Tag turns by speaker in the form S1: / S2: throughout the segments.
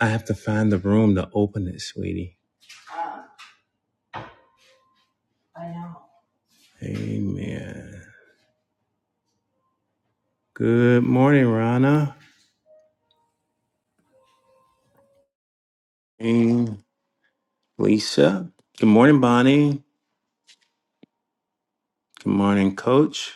S1: I have to find the room to open it, sweetie. Amen. Good morning, Rana. And Lisa. Good morning, Bonnie. Good morning, Coach.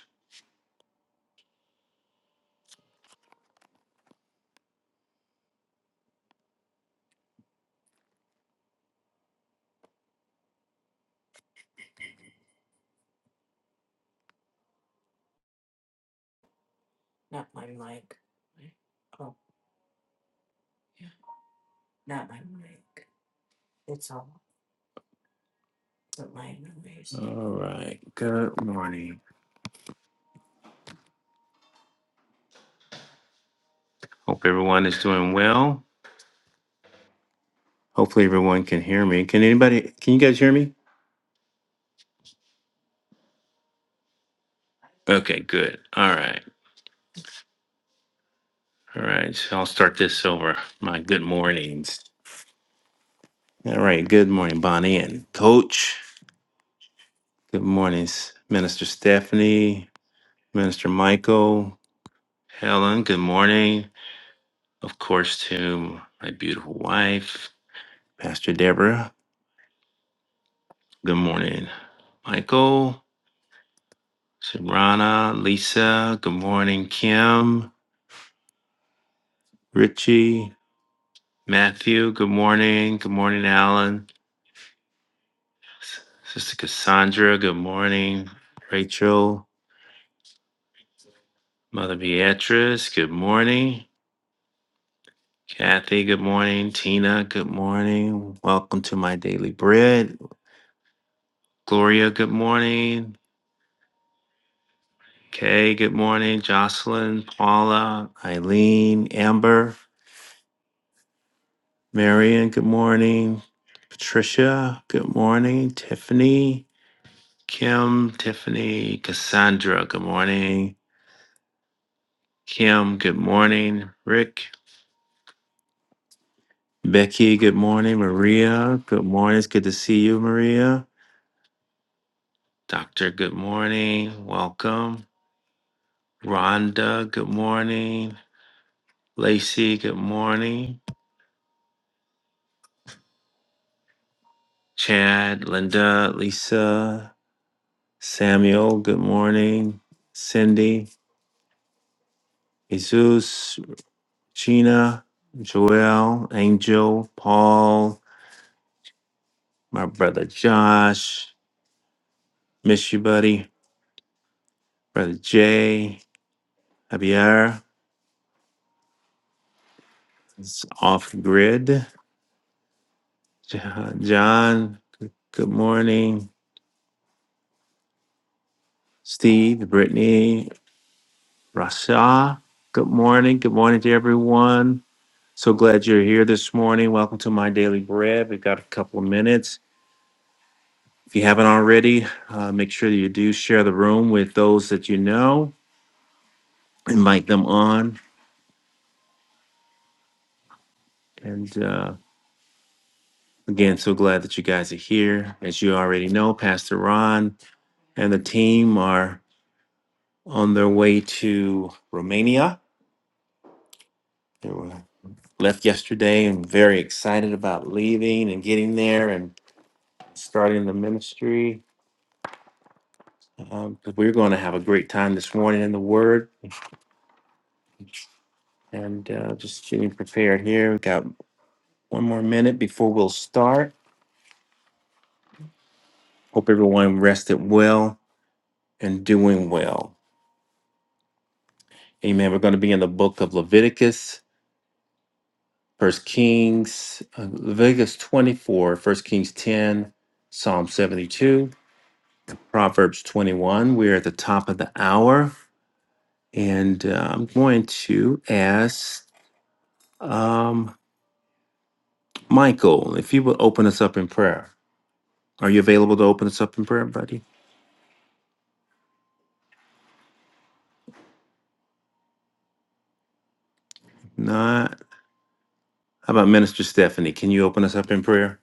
S1: All right. Good morning. Hope everyone is doing well. Hopefully, everyone can hear me. Can anybody? Can you guys hear me? Okay. Good. All right. All right. So I'll start this over. My good mornings. All right. Good morning, Bonnie and Coach. Good mornings, Minister Stephanie. Minister Michael, Helen, good morning. Of course, to my beautiful wife, Pastor Deborah, good morning. Michael, Sabrina, Lisa, good morning. Kim, Richie, Matthew, good morning. Good morning, Alan. S- Sister Cassandra, good morning. Rachel, Mother Beatrice, good morning. Kathy, good morning. Tina, good morning. Welcome to my daily bread. Gloria, good morning. Okay, good morning, Jocelyn, Paula, Eileen, Amber, Marion, good morning. Patricia, good morning. Tiffany, Kim, Tiffany, Cassandra, good morning. Kim, good morning. Rick, Becky, good morning. Maria, good morning. It's good to see you, Maria. Doctor, good morning. Welcome. Rhonda, good morning. Lacey, good morning. Chad, Linda, Lisa, Samuel, good morning. Cindy, Jesus, Gina, Joel, Angel, Paul, my brother Josh. Miss you, buddy. Brother Jay, Javier, it's off grid. Jo- John, good morning. Steve, Brittany, Rasha, good morning. Good morning to everyone. So glad you're here this morning. Welcome to my daily bread. We've got a couple of minutes. If you haven't already, uh, make sure that you do share the room with those that you know, invite them on. And uh, again, so glad that you guys are here. As you already know, Pastor Ron and the team are on their way to Romania. They were left yesterday and very excited about leaving and getting there and starting the ministry. Um, 'cause we're going to have a great time this morning in the Word and uh, just getting prepared here. We've got one more minute before we'll start. Hope everyone rested well and doing well. Amen. We're going to be in the book of Leviticus, First Kings, uh, Leviticus 24, First Kings 10, Psalm 72, Proverbs 21. We're at the top of the hour, and uh, I'm going to ask um, Michael if you would open us up in prayer. Are you available to open us up in prayer, buddy? Not. How about Minister Stephanie? Can you open us up in prayer?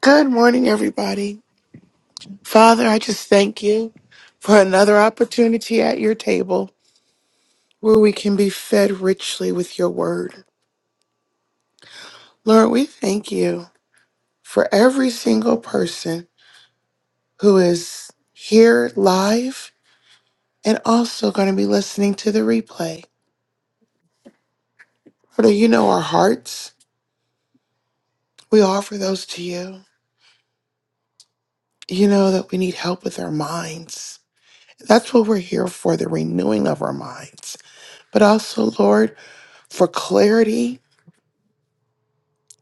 S2: Good morning, everybody. Father, I just thank you for another opportunity at your table where we can be fed richly with your word. Lord, we thank you for every single person who is here live and also going to be listening to the replay. Lord, you know our hearts. We offer those to you. You know that we need help with our minds. That's what we're here for the renewing of our minds. But also, Lord, for clarity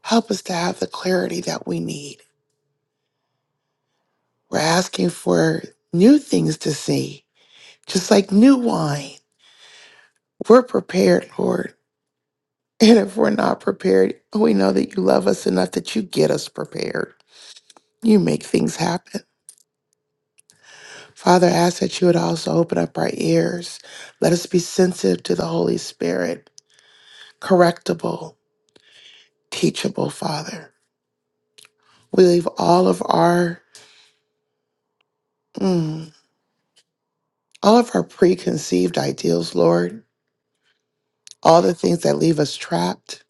S2: Help us to have the clarity that we need. We're asking for new things to see, just like new wine. We're prepared, Lord. And if we're not prepared, we know that you love us enough that you get us prepared. You make things happen. Father, I ask that you would also open up our ears. Let us be sensitive to the Holy Spirit, correctable, teachable, Father. We leave all of our mm, all of our preconceived ideals, Lord all the things that leave us trapped.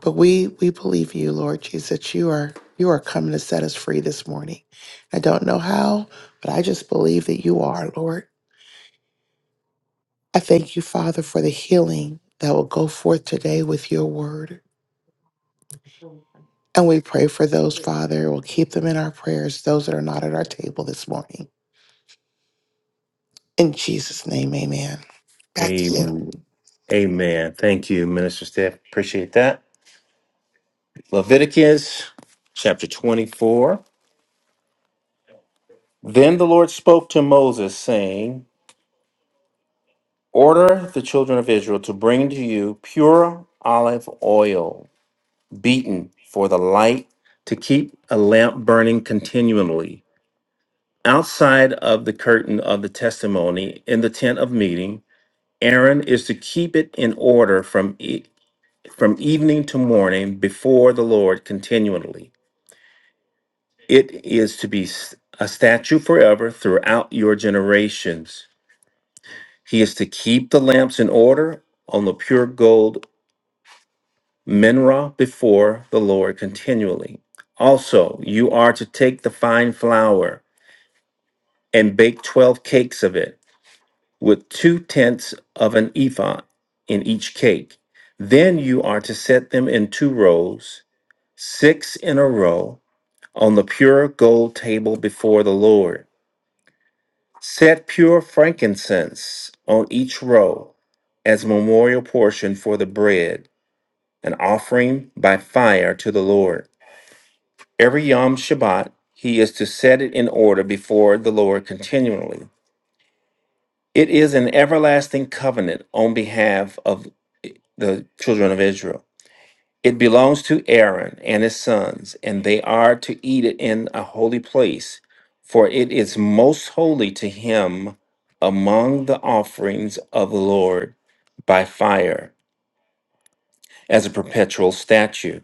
S2: But we we believe you, Lord Jesus, that you are you are coming to set us free this morning. I don't know how, but I just believe that you are, Lord. I thank you, Father, for the healing that will go forth today with your word. And we pray for those, Father. We'll keep them in our prayers, those that are not at our table this morning. In Jesus' name, amen. Back to you.
S1: Amen. Amen. Thank you, Minister Steph. Appreciate that. Leviticus chapter 24. Then the Lord spoke to Moses, saying, Order the children of Israel to bring to you pure olive oil, beaten for the light, to keep a lamp burning continually. Outside of the curtain of the testimony in the tent of meeting, Aaron is to keep it in order from e-, from evening to morning before the Lord continually. It is to be s- a statute forever throughout your generations. He is to keep the lamps in order on the pure gold menorah before the Lord continually. Also, you are to take the fine flour and bake 12 cakes of it with two tenths of an ephah in each cake. Then you are to set them in two rows, six in a row on the pure gold table before the Lord. Set pure frankincense on each row as memorial portion for the bread, an offering by fire to the Lord. Every Yom Shabbat, he is to set it in order before the Lord continually. It is an everlasting covenant on behalf of the children of Israel. It belongs to Aaron and his sons, and they are to eat it in a holy place, for it is most holy to him among the offerings of the Lord by fire, as a perpetual statute.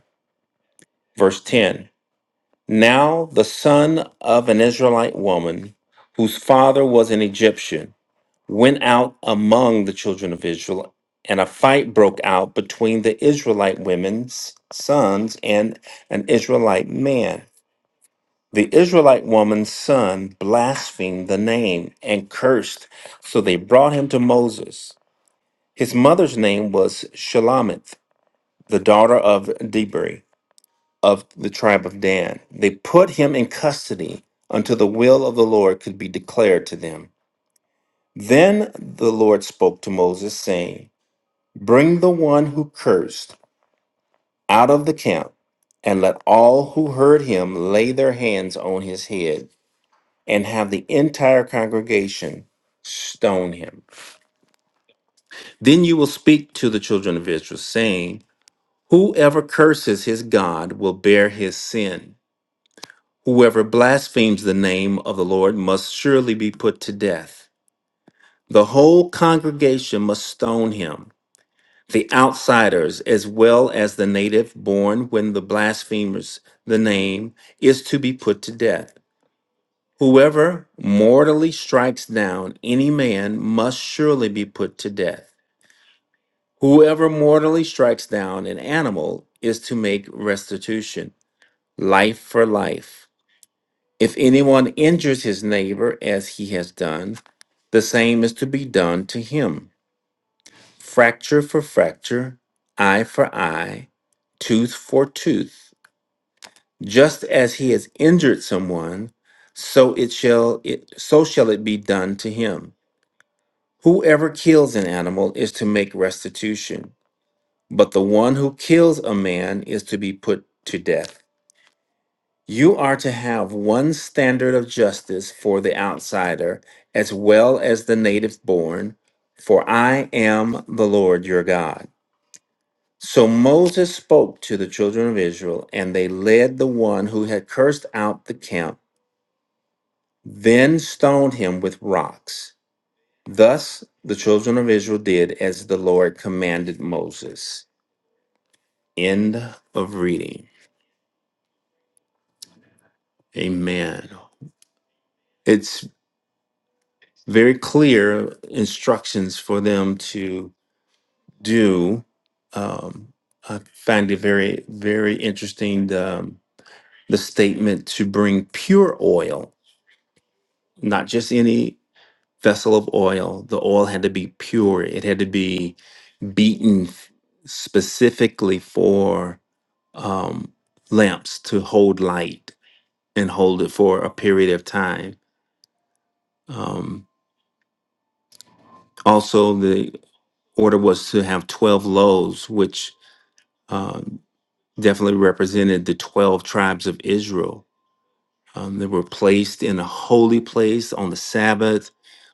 S1: Verse 10 Now the son of an Israelite woman, whose father was an Egyptian, went out among the children of Israel, and a fight broke out between the Israelite women's sons and an Israelite man. The Israelite woman's son blasphemed the name and cursed, so they brought him to Moses. His mother's name was Shalamith, the daughter of Debri of the tribe of Dan. They put him in custody until the will of the Lord could be declared to them. Then the Lord spoke to Moses, saying, Bring the one who cursed out of the camp, and let all who heard him lay their hands on his head, and have the entire congregation stone him. Then you will speak to the children of Israel, saying, Whoever curses his God will bear his sin. Whoever blasphemes the name of the Lord must surely be put to death. The whole congregation must stone him. the outsiders as well as the native born when the blasphemers the name is to be put to death whoever mortally strikes down any man must surely be put to death whoever mortally strikes down an animal is to make restitution life for life if anyone injures his neighbor as he has done the same is to be done to him fracture for fracture, eye for eye, tooth for tooth. Just as he has injured someone, so it shall it, so shall it be done to him. Whoever kills an animal is to make restitution, but the one who kills a man is to be put to death. You are to have one standard of justice for the outsider as well as the native born, for I am the Lord your God. So Moses spoke to the children of Israel, and they led the one who had cursed out the camp, then stoned him with rocks. Thus the children of Israel did as the Lord commanded Moses. End of reading. Amen. It's very clear instructions for them to do. Um, I find it very, very interesting the, um, the statement to bring pure oil not just any vessel of oil, the oil had to be pure. It had to be beaten f- specifically for um, lamps to hold light and hold it for a period of time. Um, also, the order was to have 12 loaves, which um, definitely represented the 12 tribes of Israel Um, they were placed in a holy place on the Sabbath.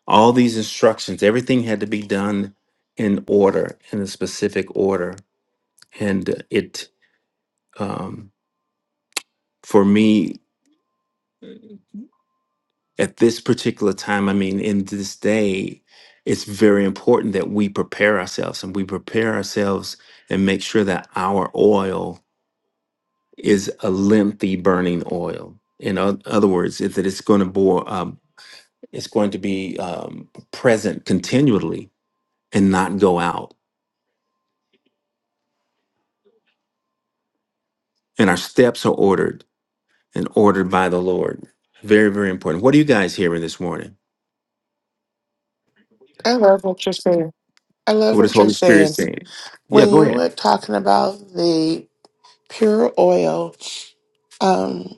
S1: All these instructions, everything had to be done in order, in a specific order. And it, um, for me, at this particular time, I mean, in this day, it's very important that we prepare ourselves and we prepare ourselves and make sure that our oil is a lengthy burning oil. In oth- other words, is that it's going to bore. um, It's going to be um, present continually and not go out. And our steps are ordered and ordered by the Lord. Very, very important. What are you guys hearing this morning?
S2: I love what you're saying. I love
S1: What is
S2: what you're
S1: Holy Spirit
S2: saying.
S1: saying? Yeah,
S2: When
S1: go
S2: you
S1: ahead.
S2: were talking about the pure oil um,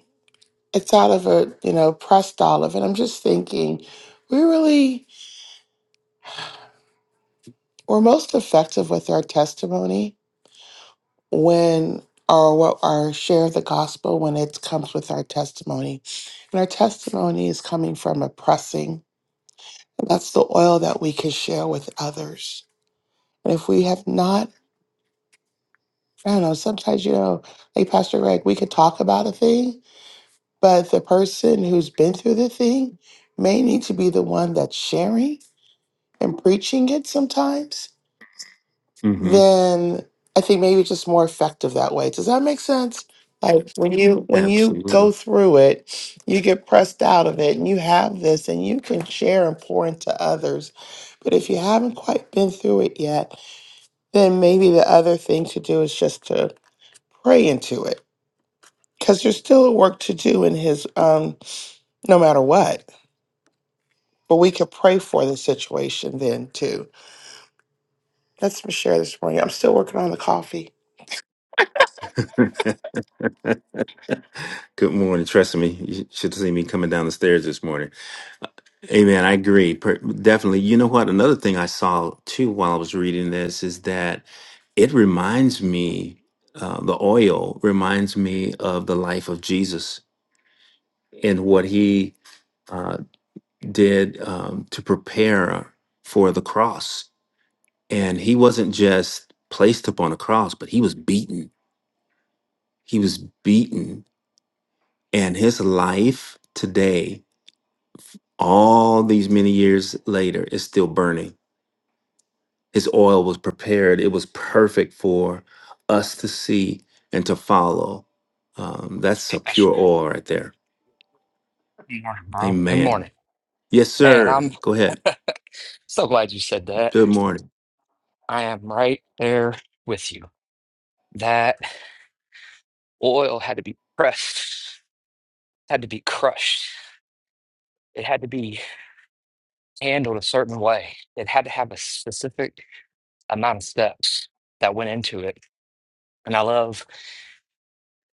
S2: it's out of a you know pressed olive, and I'm just thinking we really we're most effective with our testimony when or what our share of the gospel when it comes with our testimony, and our testimony is coming from a pressing. that's the oil that we can share with others. And if we have not, I don't know. Sometimes you know, like Pastor Greg, we could talk about a thing, but the person who's been through the thing may need to be the one that's sharing and preaching it sometimes,
S1: Mm-hmm.
S2: then I think maybe it's just more effective that way. Does that make sense? Like when you when you go
S1: Absolutely.
S2: through it, you get pressed out of it and you have this and you can share and pour into others. But if you haven't quite been through it yet, then maybe the other thing to do is just to pray into it. Because there's still work to do in his um no matter what. But we could pray for the situation then too. That's my share this morning. I'm still working on the coffee.
S1: Good morning. Trust me, you should have seen me coming down the stairs this morning. Amen. I agree. Per- definitely. You know what? Another thing I saw too while I was reading this is that it reminds me, uh, the oil reminds me of the life of Jesus and what he uh, did um, to prepare for the cross. And he wasn't just placed upon a cross, but he was beaten. He was beaten. And his life today, all these many years later, is still burning His oil was prepared, it was perfect for us to see and to follow. Um, that's
S3: Hey,
S1: a
S3: Pastor.
S1: pure oil right there.
S3: Good morning, bro. Good
S1: Amen.
S3: morning.
S1: Yes,
S3: Man, I'm
S1: sir. Go ahead.
S3: so glad you said that.
S1: Good morning.
S3: I am right there with you. That oil had to be pressed, had to be crushed. It had to be handled a certain way. It had to have a specific amount of steps that went into it. And I love,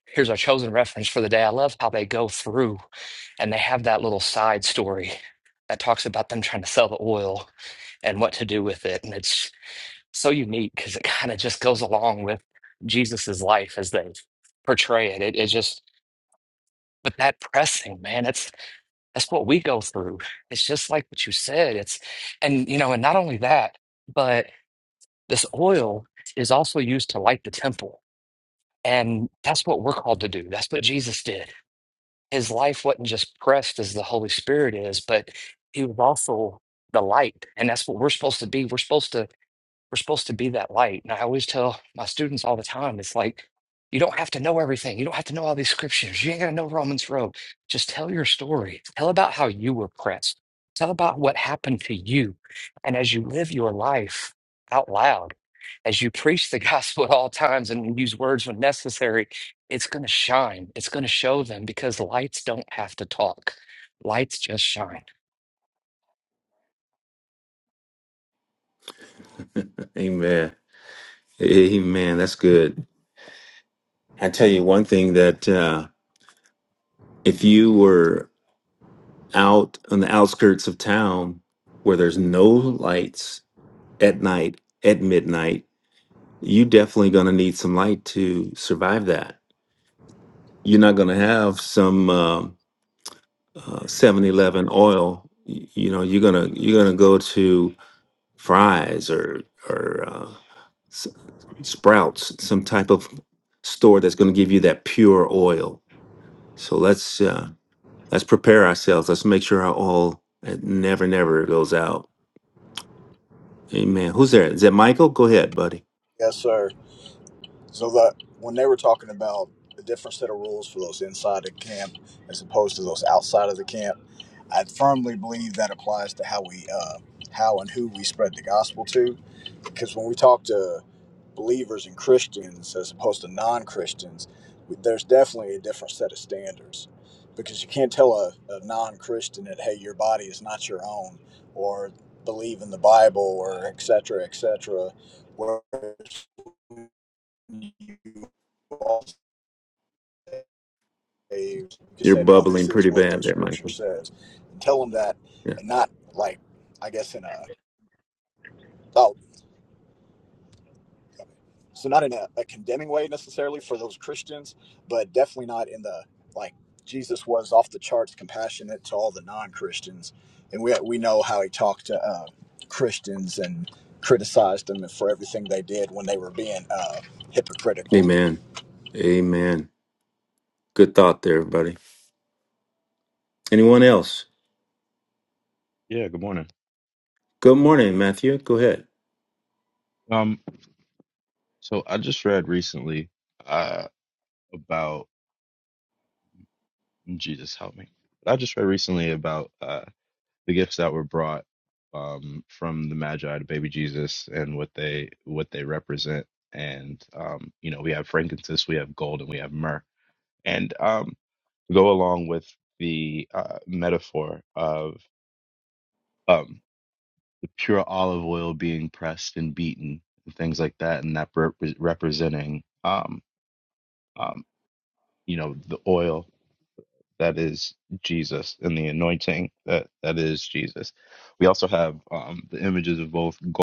S3: here's our chosen reference for the day. I love how they go through and they have that little side story that talks about them trying to sell the oil and what to do with it. And it's so unique because it kind of just goes along with Jesus's life as they portray it. It it just but that pressing, man, that's that's what we go through. It's just like what you said. It's and you know, and not only that, but this oil is also used to light the temple. And that's what we're called to do. That's what Jesus did. His life wasn't just pressed as the Holy Spirit is, but he was also the light. And that's what we're supposed to be. We're supposed to We're supposed to be that light. And I always tell my students all the time, it's like, you don't have to know everything. You don't have to know all these scriptures. You ain't got to know Romans Road. Just tell your story. Tell about how you were pressed. Tell about what happened to you. And as you live your life out loud, as you preach the gospel at all times and use words when necessary, it's going to shine. It's going to show them because lights don't have to talk, lights just shine.
S1: Amen. Amen. That's good. I tell you one thing that uh, if you were out on the outskirts of town where there's no lights at night, at midnight, you definitely going to need some light to survive that. You're not going to have some. um uh, 7-Eleven oil, y- you know, you're gonna you're gonna go to Fry's or or uh, S- Sprouts, some type of store that's gonna give you that pure oil. So let's uh, let's prepare ourselves. Let's make sure our oil uh, never never goes out. Amen. Who's there? Is that Michael? Go ahead, buddy.
S4: Yes, sir. So that when they were talking about a different set of rules for those inside the camp as opposed to those outside of the camp, I firmly believe that applies to how we, uh, how and who we spread the gospel to, because when we talk to believers and Christians as opposed to non-Christians, we- there's definitely a different set of standards, because you can't tell a, a non-Christian that hey, your body is not your own, or believe in the Bible, or et cetera, et cetera. Whereas you all say, you just
S1: You're
S4: say, no,
S1: bubbling
S4: this is
S1: pretty
S4: what the
S1: bad there,
S4: scripture
S1: Michael.
S4: says, and tell them that,
S1: Yeah.
S4: and not like, I guess in a oh, so not in a, a condemning way necessarily for those Christians, but definitely not in the like Jesus was off the charts compassionate to all the non-Christians, and we we know how he talked to uh, Christians and criticized them for everything they did when they were being uh, hypocritical.
S1: Amen. Amen. Good thought there, everybody. Anyone else?
S5: Yeah, good morning.
S1: Good morning, Matthew. Go ahead.
S5: Um, so I just read recently uh about mm, Jesus help me. I just read recently about uh the gifts that were brought um from the Magi to baby Jesus and what they what they represent. And um, you know, we have frankincense, we have gold, and we have myrrh. And um to go along with the uh metaphor of um the pure olive oil being pressed and beaten and things like that, and that rep- representing um um, you know the oil that is Jesus and the anointing that that is Jesus. We also have um, the images of both. Gold.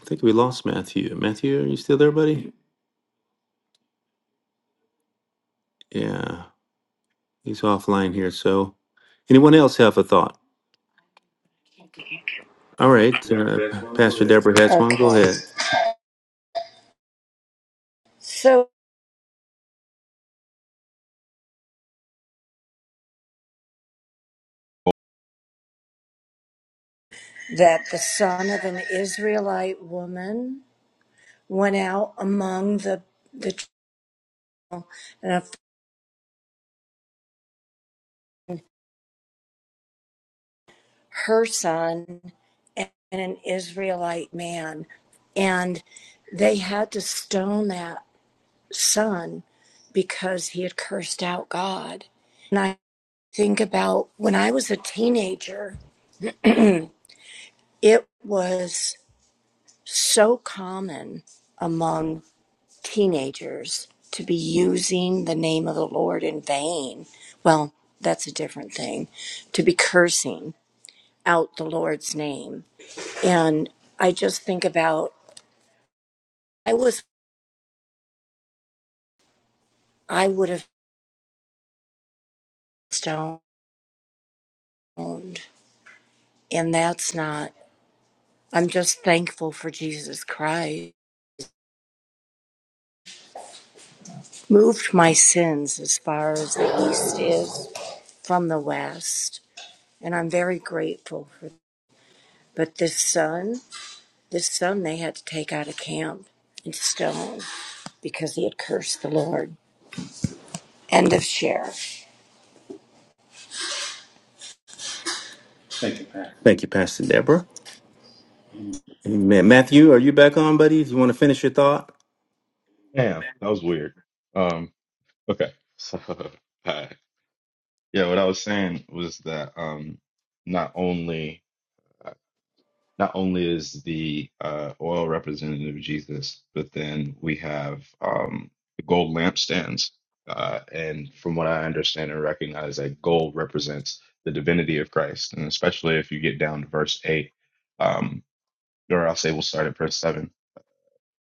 S1: I think we lost Matthew. Matthew, are you still there, buddy? Yeah, he's offline here. So, anyone else have a thought? All right, uh, Pastor Deborah has one. Go
S6: Okay.
S1: ahead.
S6: So that the son of an Israelite woman went out among the the and of her son and an Israelite man, and they had to stone that son because he had cursed out God. And I think about when I was a teenager, it was so common among. teenagers to be using the name of the Lord in vain. Well, that's a different thing. To be cursing out the Lord's name. And I just think about I was I would have stoned and that's not I'm just thankful for Jesus Christ. Moved my sins as far as the east is from the west, and I'm very grateful for but this son This son they had to take out of camp and stone because he had cursed the Lord. End of share. Thank you, Pat.
S1: Thank you, Pastor Deborah. Amen. Matthew, are you back on, buddy? If you want to finish your thought.
S5: Yeah, that was weird. Um, okay, so uh, yeah, what I was saying was that um, not only not only is the uh, oil representative of Jesus, but then we have um, the gold lampstands. Uh, and from what I understand and recognize, that gold represents the divinity of Christ. And especially if you get down to verse 8, um, or I'll say we will start at verse 7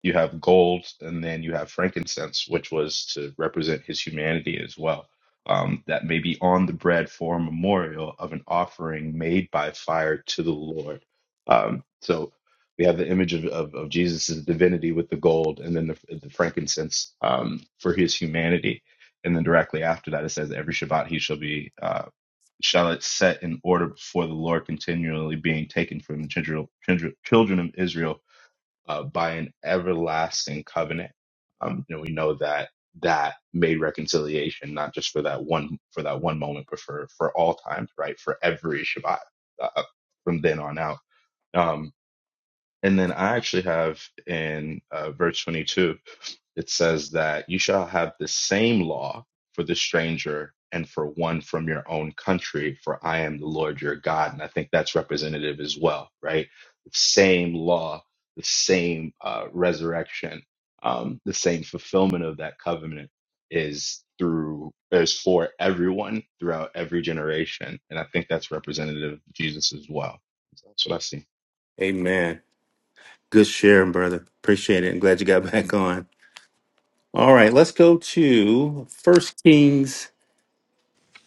S5: you have gold and then you have frankincense which was to represent his humanity as well um, that may be on the bread for a memorial of an offering made by fire to the lord um, so we have the image of, of, of jesus' divinity with the gold and then the, the frankincense um, for his humanity and then directly after that it says every shabbat he shall be uh, shall it set in order before the lord continually being taken from the children, children, children of israel uh, by an everlasting covenant. Um, you know, we know that that made reconciliation not just for that one for that one moment, but for for all times, right? For every Shabbat uh, from then on out. Um, and then I actually have in uh, verse 22. It says that you shall have the same law for the stranger and for one from your own country, for I am the Lord your God. And I think that's representative as well, right? The same law, the same uh, resurrection, um, the same fulfillment of that covenant is through is for everyone throughout every generation and i think that's representative of jesus as well So that's what i see
S1: Amen. Good sharing, brother. Appreciate it. I'm glad you got back on. All right, let's go to First Kings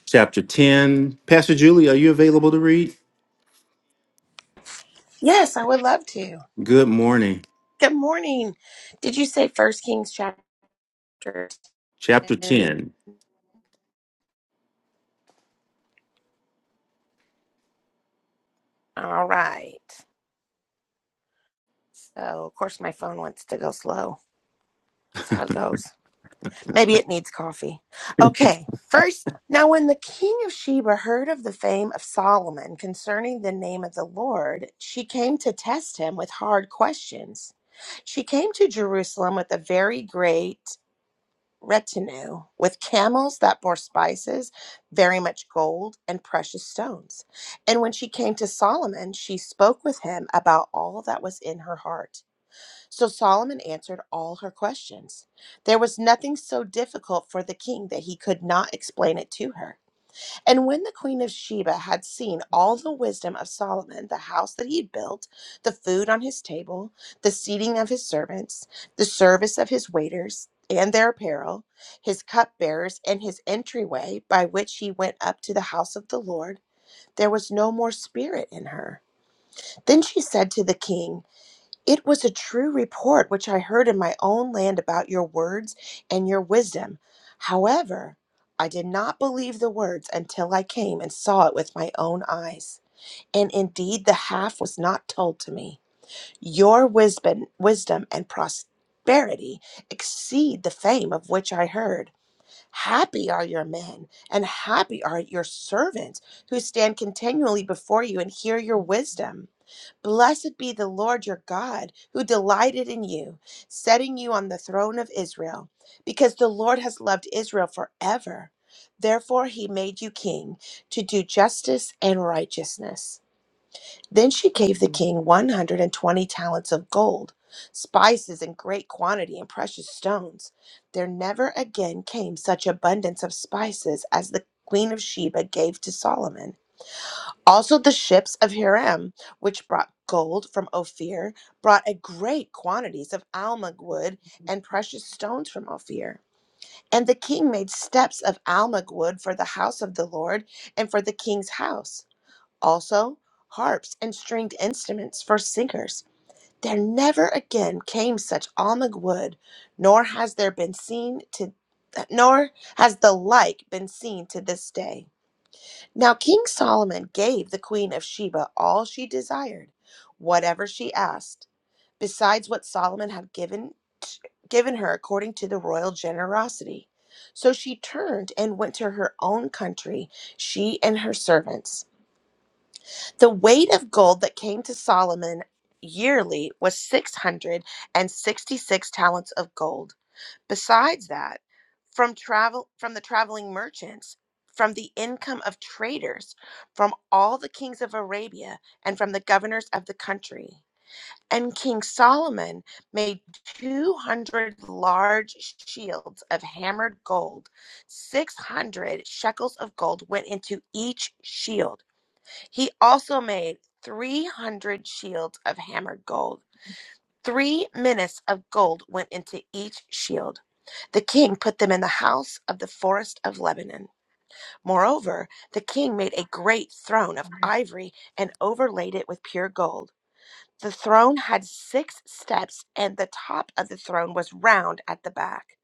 S1: chapter 10. Pastor Julie, are you available to read?
S7: Yes, I would love to.
S1: Good morning.
S7: Good morning. Did you say First Kings chapter
S1: Chapter
S7: 10?
S1: 10.
S7: All right. So, of course, my phone wants to go slow. That's how it goes. Maybe it needs coffee. Okay. First, now when the king of Sheba heard of the fame of Solomon concerning the name of the Lord, she came to test him with hard questions. She came to Jerusalem with a very great retinue with camels that bore spices, very much gold, and precious stones. And when she came to Solomon, she spoke with him about all that was in her heart. So Solomon answered all her questions. There was nothing so difficult for the king that he could not explain it to her. And when the queen of Sheba had seen all the wisdom of Solomon, the house that he had built, the food on his table, the seating of his servants, the service of his waiters, and their apparel, his cupbearers, and his entryway by which he went up to the house of the Lord, there was no more spirit in her. Then she said to the king, it was a true report which I heard in my own land about your words and your wisdom. However, I did not believe the words until I came and saw it with my own eyes. And indeed, the half was not told to me. Your wisdom, wisdom and prosperity exceed the fame of which I heard. Happy are your men, and happy are your servants who stand continually before you and hear your wisdom. Blessed be the Lord your God, who delighted in you, setting you on the throne of Israel, because the Lord has loved Israel forever. Therefore, he made you king to do justice and righteousness. Then she gave the king 120 talents of gold, spices in great quantity, and precious stones. There never again came such abundance of spices as the queen of Sheba gave to Solomon. Also, the ships of Hiram, which brought gold from Ophir, brought a great quantities of almug wood and precious stones from Ophir. And the king made steps of almug wood for the house of the Lord and for the king's house. Also, harps and stringed instruments for singers. There never again came such almug wood, nor has there been seen to, nor has the like been seen to this day. Now King Solomon gave the queen of Sheba all she desired, whatever she asked, besides what Solomon had given given her according to the royal generosity. So she turned and went to her own country, she and her servants. The weight of gold that came to Solomon yearly was 666 talents of gold Besides that, from travel from the traveling merchants, from the income of traders, from all the kings of Arabia, and from the governors of the country. And King Solomon made 200 large shields of hammered gold. 600 shekels of gold went into each shield. He also made 300 shields of hammered gold. Three minas of gold went into each shield. The king put them in the house of the forest of Lebanon. Moreover, the king made a great throne of ivory and overlaid it with pure gold. The throne had six steps, and the top of the throne was round at the back.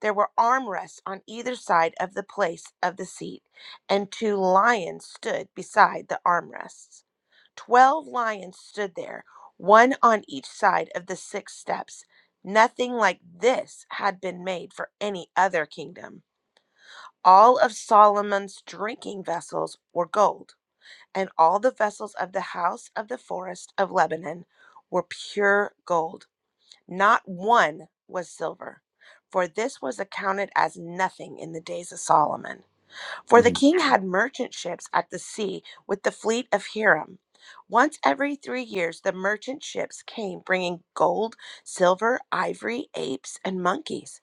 S7: There were armrests on either side of the place of the seat, and two lions stood beside the armrests. Twelve lions stood there, one on each side of the six steps. Nothing like this had been made for any other kingdom. All of Solomon's drinking vessels were gold, and all the vessels of the house of the forest of Lebanon were pure gold. Not one was silver, for this was accounted as nothing in the days of Solomon. For the king had merchant ships at the sea with the fleet of Hiram. Once every three years, the merchant ships came bringing gold, silver, ivory, apes, and monkeys.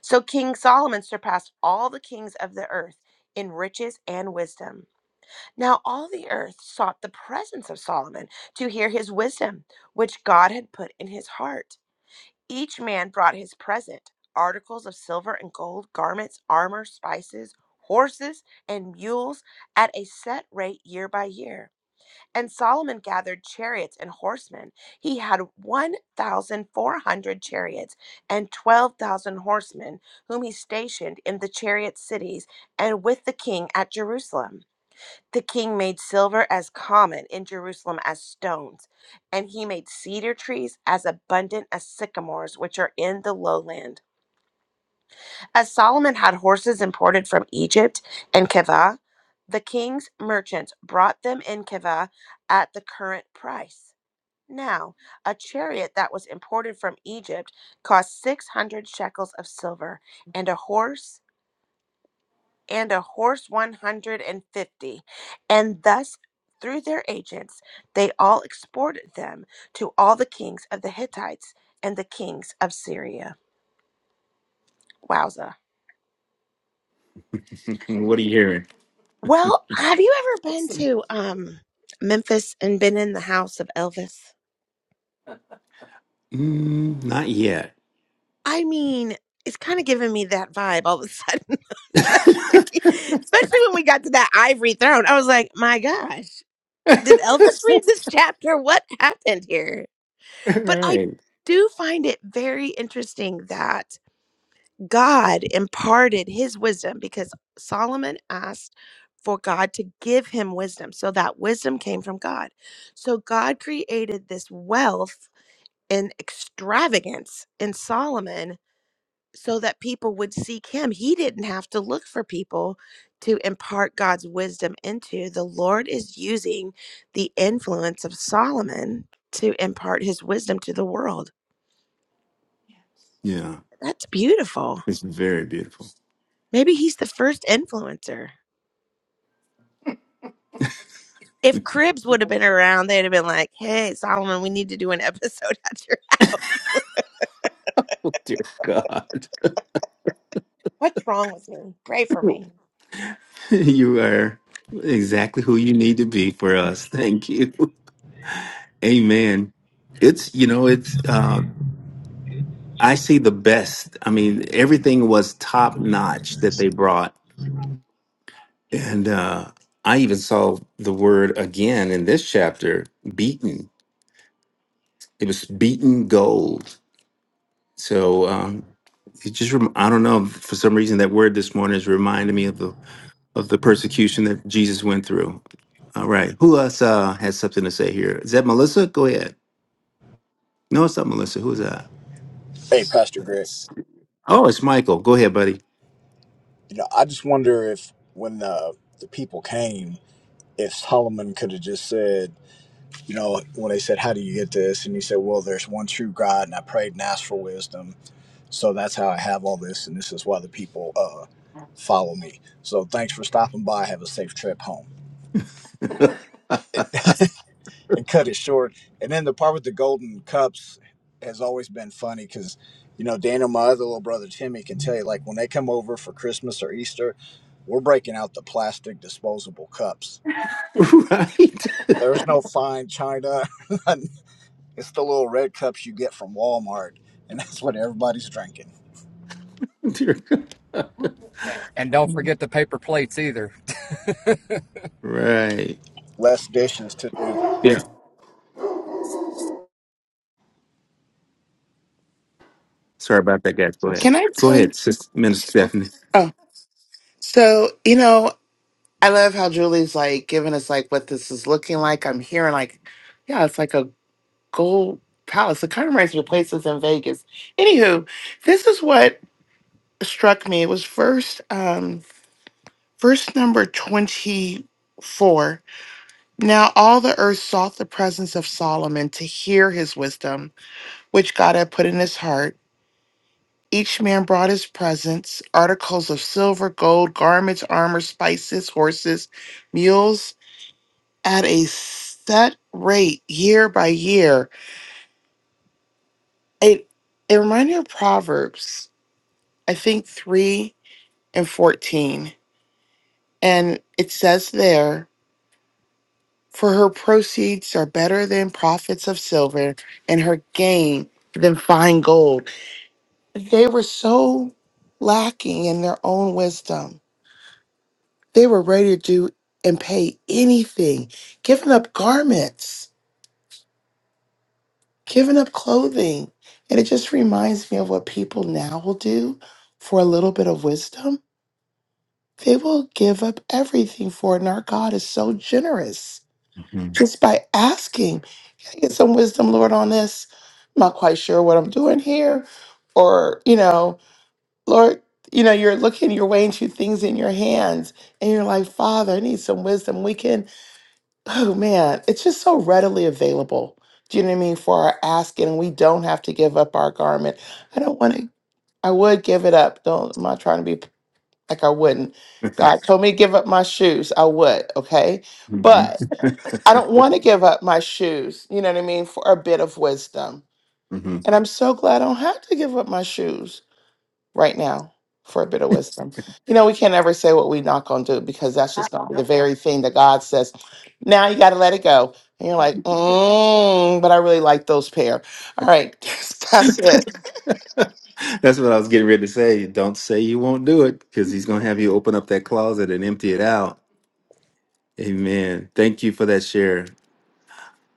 S7: So King Solomon surpassed all the kings of the earth in riches and wisdom. Now all the earth sought the presence of Solomon to hear his wisdom, which God had put in his heart. Each man brought his present articles of silver and gold, garments, armor, spices, horses, and mules at a set rate year by year. And Solomon gathered chariots and horsemen. He had 1,400 chariots and 12,000 horsemen, whom he stationed in the chariot cities and with the king at Jerusalem. The king made silver as common in Jerusalem as stones, and he made cedar trees as abundant as sycamores, which are in the lowland. As Solomon had horses imported from Egypt and Keva, the king's merchants brought them in Keva at the current price. Now, a chariot that was imported from Egypt cost 600 shekels of silver, and a horse and a horse 150. And thus, through their agents, they all exported them to all the kings of the Hittites and the kings of Syria. Wowza.
S1: what are you hearing?
S7: Well, have you ever been to um, Memphis and been in the house of Elvis?
S1: Mm, not yet.
S7: I mean, it's kind of giving me that vibe all of a sudden, especially, especially when we got to that ivory throne. I was like, my gosh, did Elvis read this chapter? What happened here?
S1: All
S7: But I
S1: right.
S7: do find it very interesting that God imparted his wisdom because Solomon asked for God to give him wisdom. So that wisdom came from God. So God created this wealth and extravagance in Solomon so that people would seek him. He didn't have to look for people to impart God's wisdom into. The Lord is using the influence of Solomon to impart his wisdom to the world
S1: Yeah,
S7: That's beautiful.
S1: it's very beautiful.
S7: Maybe he's the first influencer. If Cribs would have been around, they'd have been like, hey, Solomon, we need to do an episode at your house. What's wrong with me? Pray for me.
S1: you are exactly who you need to be for us. Thank you. Amen. It's, you know, it's, uh, I see the best. I mean, everything was top notch that they brought. And uh, I even saw the word again in this chapter beaten. It was beaten gold So um, it just rem- I don't know for some reason that word this morning is reminding me of the of the persecution that Jesus went through. All right, who else uh, has something to say here? Is that Melissa? Go ahead. No, it's not Melissa. Who's that?
S4: Hey, Pastor Greg.
S1: It's- oh, it's Michael. Go ahead, buddy.
S4: You know, I just wonder if when the the people came, if Solomon could have just said, you know, when they said, "How do you get this?" and he said, "Well, there's one true God, and I prayed and asked for wisdom, so that's how I have all this, and this is why the people uh, follow me." So thanks for stopping by. Have a safe trip home,
S1: right.
S4: and cut it short. And then the part with the golden cups has always been funny because. You know, Daniel, my other little brother Timmy can tell you, like when they come over for Christmas or Easter, we're breaking out the plastic disposable cups There's no fine china. it's the little red cups you get from Walmart, and that's what everybody's drinking.
S1: Dear God.
S3: And don't forget the paper plates either.
S1: right.
S4: Less dishes to do.
S1: Yeah. Sorry about that, guys. Go
S5: That's-
S1: ahead.
S2: Can I
S1: Go
S2: tell you?
S1: ahead, Sister Minister Stephanie.
S2: Oh, so you know, I love how Julie's like giving us like what this is looking like. I'm hearing like, yeah, it's like a gold palace. It kind of reminds me of places in Vegas. Anywho, this is what struck me. It was first, um, verse number twenty four. Now all the earth sought the presence of Solomon to hear his wisdom, which God had put in his heart. Each man brought his presents articles of silver, gold, garments, armor, spices, horses, mules at a set rate year by year. It, it reminded me of Proverbs, I think 3 and 14. And it says there, For her proceeds are better than profits of silver, and her gain than fine gold. They were so lacking in their own wisdom They were ready to do and pay anything, giving up garments, giving up clothing. And it just reminds me of what people now will do for a little bit of wisdom. They will give up everything for it. And our God is so generous
S1: Mhm.
S2: just by asking, Can I get some wisdom, Lord, on this? I'm not quite sure what I'm doing here. Or, you know, Lord, you know, you're looking, you're weighing two things in your hands and you're like, Father, I need some wisdom. We can oh man, it's just so readily available. Do you know what I mean? For our asking, and we don't have to give up our garment. I don't want to. I would give it up. Don't. I'm not trying to be p- like I wouldn't. God told me to give up my shoes. I would. Okay,
S1: Mhm.
S2: but I don't want to give up my shoes. You know what I mean? For a bit of wisdom, and I'm so glad I don't have to give up my shoes right now for a bit of wisdom. You know, we can't ever say what we're not going to do because that's just going to be the very thing that God says. Now you got to let it go. And you're like, mm, but I really like those pair. All right, that's it.
S1: That's what I was getting ready to say. Don't say you won't do it because he's going to have you open up that closet and empty it out. Amen. Thank you for that share.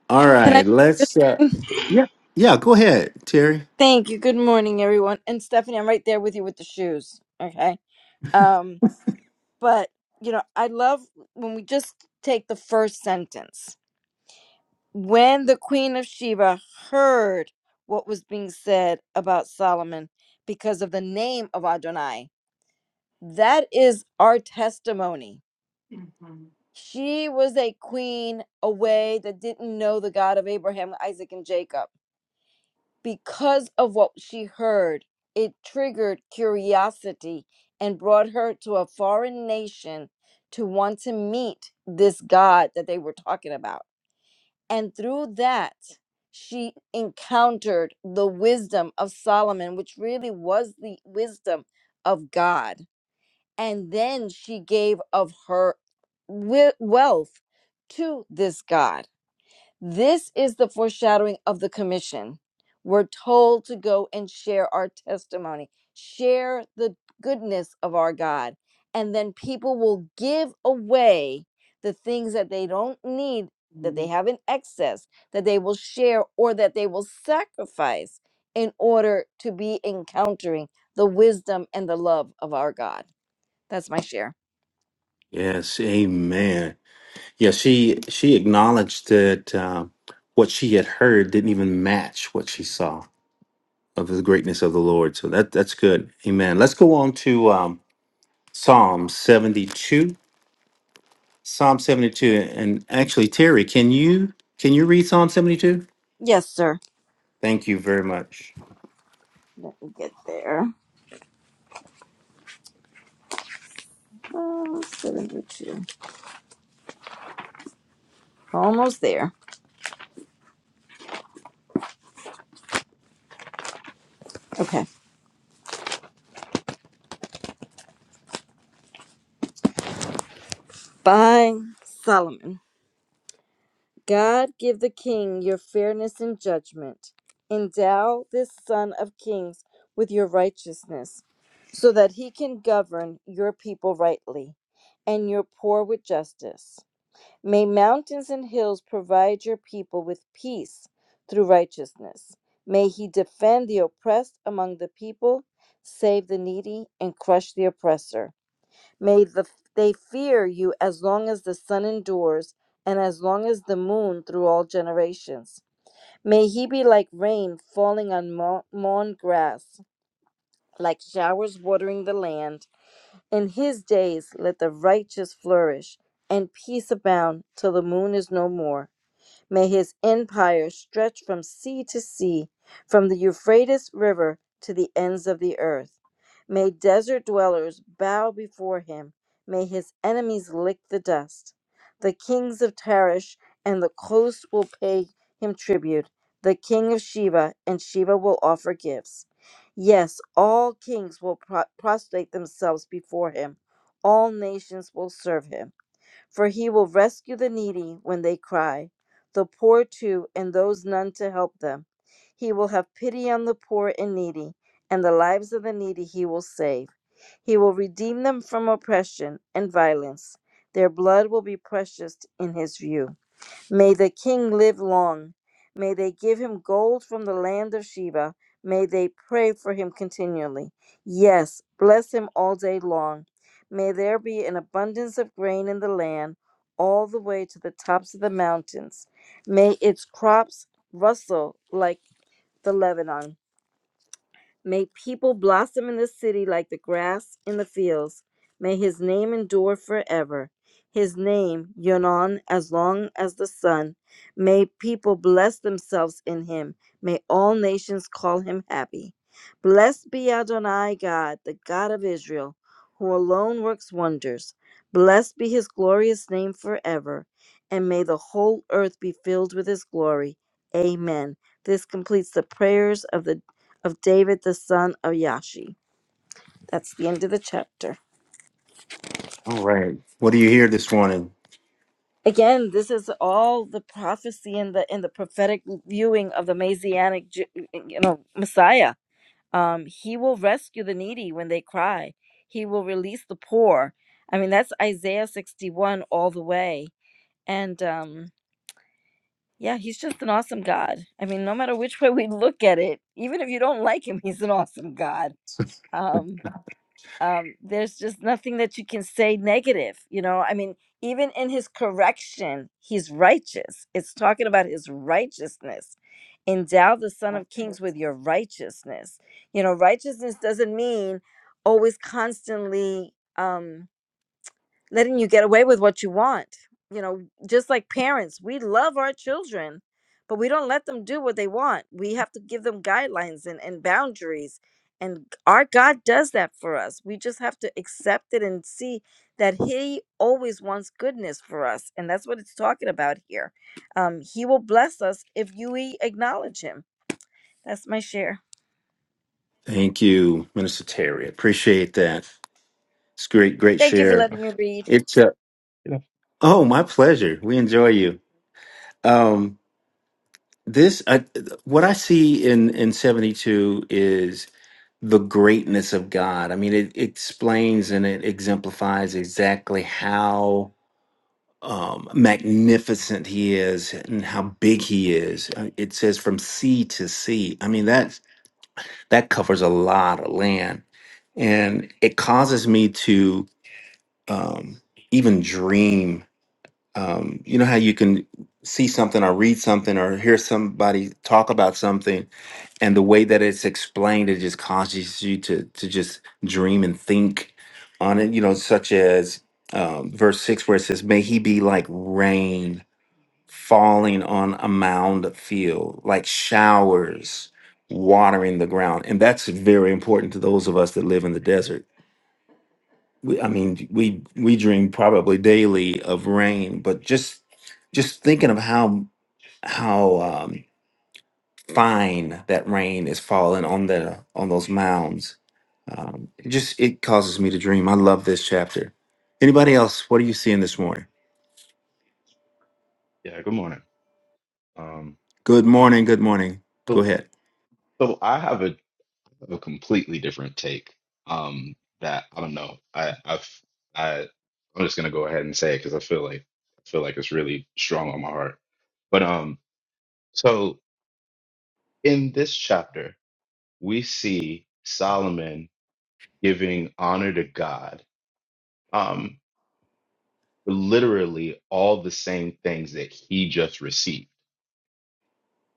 S1: All
S8: Can I
S1: right,
S8: share
S1: let's. Uh,
S8: something?
S1: yeah. Yeah, go ahead, Terry.
S8: Thank you. Good morning, everyone. And Stephanie, I'm right there with you with the shoes. Okay. Um, but you know, I love when we just take the first sentence. When the Queen of Sheba heard what was being said about Solomon because of the name of Adonai, that is our testimony. She was a queen away that didn't know the God of Abraham, Isaac, and Jacob because of what she heard, it triggered curiosity and brought her to a foreign nation to want to meet this God that they were talking about. And through that, she encountered the wisdom of Solomon, which really was the wisdom of God. And then she gave of her we- wealth to this God this is the foreshadowing of the commission. We're told to go and share our testimony, share the goodness of our God, and then people will give away the things that they don't need, that they have in excess, that they will share or that they will sacrifice in order to be encountering the wisdom and the love of our God. That's my share.
S1: Yes, amen. Yeah, she she acknowledged that um, what she had heard didn't even match what she saw of the greatness of the Lord. So that that's good. Amen. Let's go on to um, Psalm 72. Psalm 72 and actually Terry, can you can you read Psalm 72?
S8: Yes, sir.
S1: Thank you very much.
S8: Let me get there. Uh, 72. Almost there. Okay. By Solomon. God give the king your fairness and judgment. Endow this son of kings with your righteousness, so that he can govern your people rightly and your poor with justice. May mountains and hills provide your people with peace through righteousness. May he defend the oppressed among the people, save the needy, and crush the oppressor. May the, they fear you as long as the sun endures, and as long as the moon through all generations. May he be like rain falling on mo- mown grass, like showers watering the land. In his days let the righteous flourish, and peace abound till the moon is no more. May his empire stretch from sea to sea, from the Euphrates River to the ends of the earth. May desert dwellers bow before him. May his enemies lick the dust. The kings of Tarish and the coast will pay him tribute. The king of Sheba and Sheba will offer gifts. Yes, all kings will pro- prostrate themselves before him. All nations will serve him. For he will rescue the needy when they cry, the poor too, and those none to help them. He will have pity on the poor and needy, and the lives of the needy he will save. He will redeem them from oppression and violence. Their blood will be precious in his view. May the king live long. May they give him gold from the land of Sheba. May they pray for him continually. Yes, bless him all day long. May there be an abundance of grain in the land all the way to the tops of the mountains. May its crops rustle like the Lebanon. May people blossom in the city like the grass in the fields. May his name endure forever. His name, Yonon, as long as the sun. May people bless themselves in him. May all nations call him happy. Blessed be Adonai God, the God of Israel, who alone works wonders. Blessed be his glorious name forever. And may the whole earth be filled with his glory. Amen. This completes the prayers of the of David the son of Yashi. That's the end of the chapter.
S1: All right. What do you hear this morning?
S8: Again, this is all the prophecy and the in the prophetic viewing of the messianic, Ju- you know, Messiah. Um, he will rescue the needy when they cry. He will release the poor. I mean, that's Isaiah sixty one all the way. And um, yeah, he's just an awesome God. I mean, no matter which way we look at it, even if you don't like him, he's an awesome God. Um, um, there's just nothing that you can say negative you know i mean even in his correction he's righteous it's talking about his righteousness endow the son of kings with your righteousness you know righteousness doesn't mean always constantly Um, letting you get away with what you want. You know, just like parents, we love our children, but we don't let them do what they want. We have to give them guidelines and, and boundaries. And our God does that for us. We just have to accept it and see that He always wants goodness for us. And that's what it's talking about here. Um, he will bless us if you acknowledge Him. That's my share.
S1: Thank you, Minister Terry. Appreciate that. It's great great
S8: Thank you for
S1: share.
S8: letting
S5: that's-
S8: me read.
S1: It's a
S5: yeah,
S1: Oh, my pleasure. We
S5: uh,
S1: enjoy you. Um this I, what I see in in 72 is the greatness of God. I mean, it, it explains and it exemplifies exactly how um, magnificent he is and how big he is. Uh, It says from sea to sea. I mean, that's that covers a lot of land, and it causes me to um, even dream. Um, you know how you can see something or read something or hear somebody talk about something, and the way that it's explained, it just causes you to to just dream and think on it. You know, such as um, verse six, where it says, "May he be like rain." falling on a mound of field, like showers watering the ground. And that's very important to those of us that live in the desert. We, I mean, we we dream probably daily of rain, but just just thinking of how how um, fine that rain is falling on the on those mounds, um, it just it causes me to dream. I love this chapter. Anybody else? What are you seeing this morning?
S5: yeah, good morning um
S1: Good morning. Good morning. Go
S5: so,
S1: ahead.
S5: so i have a a completely different take. Um, that I don't know. I I've I I'm just gonna go ahead and say it because I feel like I feel like it's really strong on my heart. But um, so in this chapter, we see Solomon giving honor to God. Um, literally all the same things that he just received.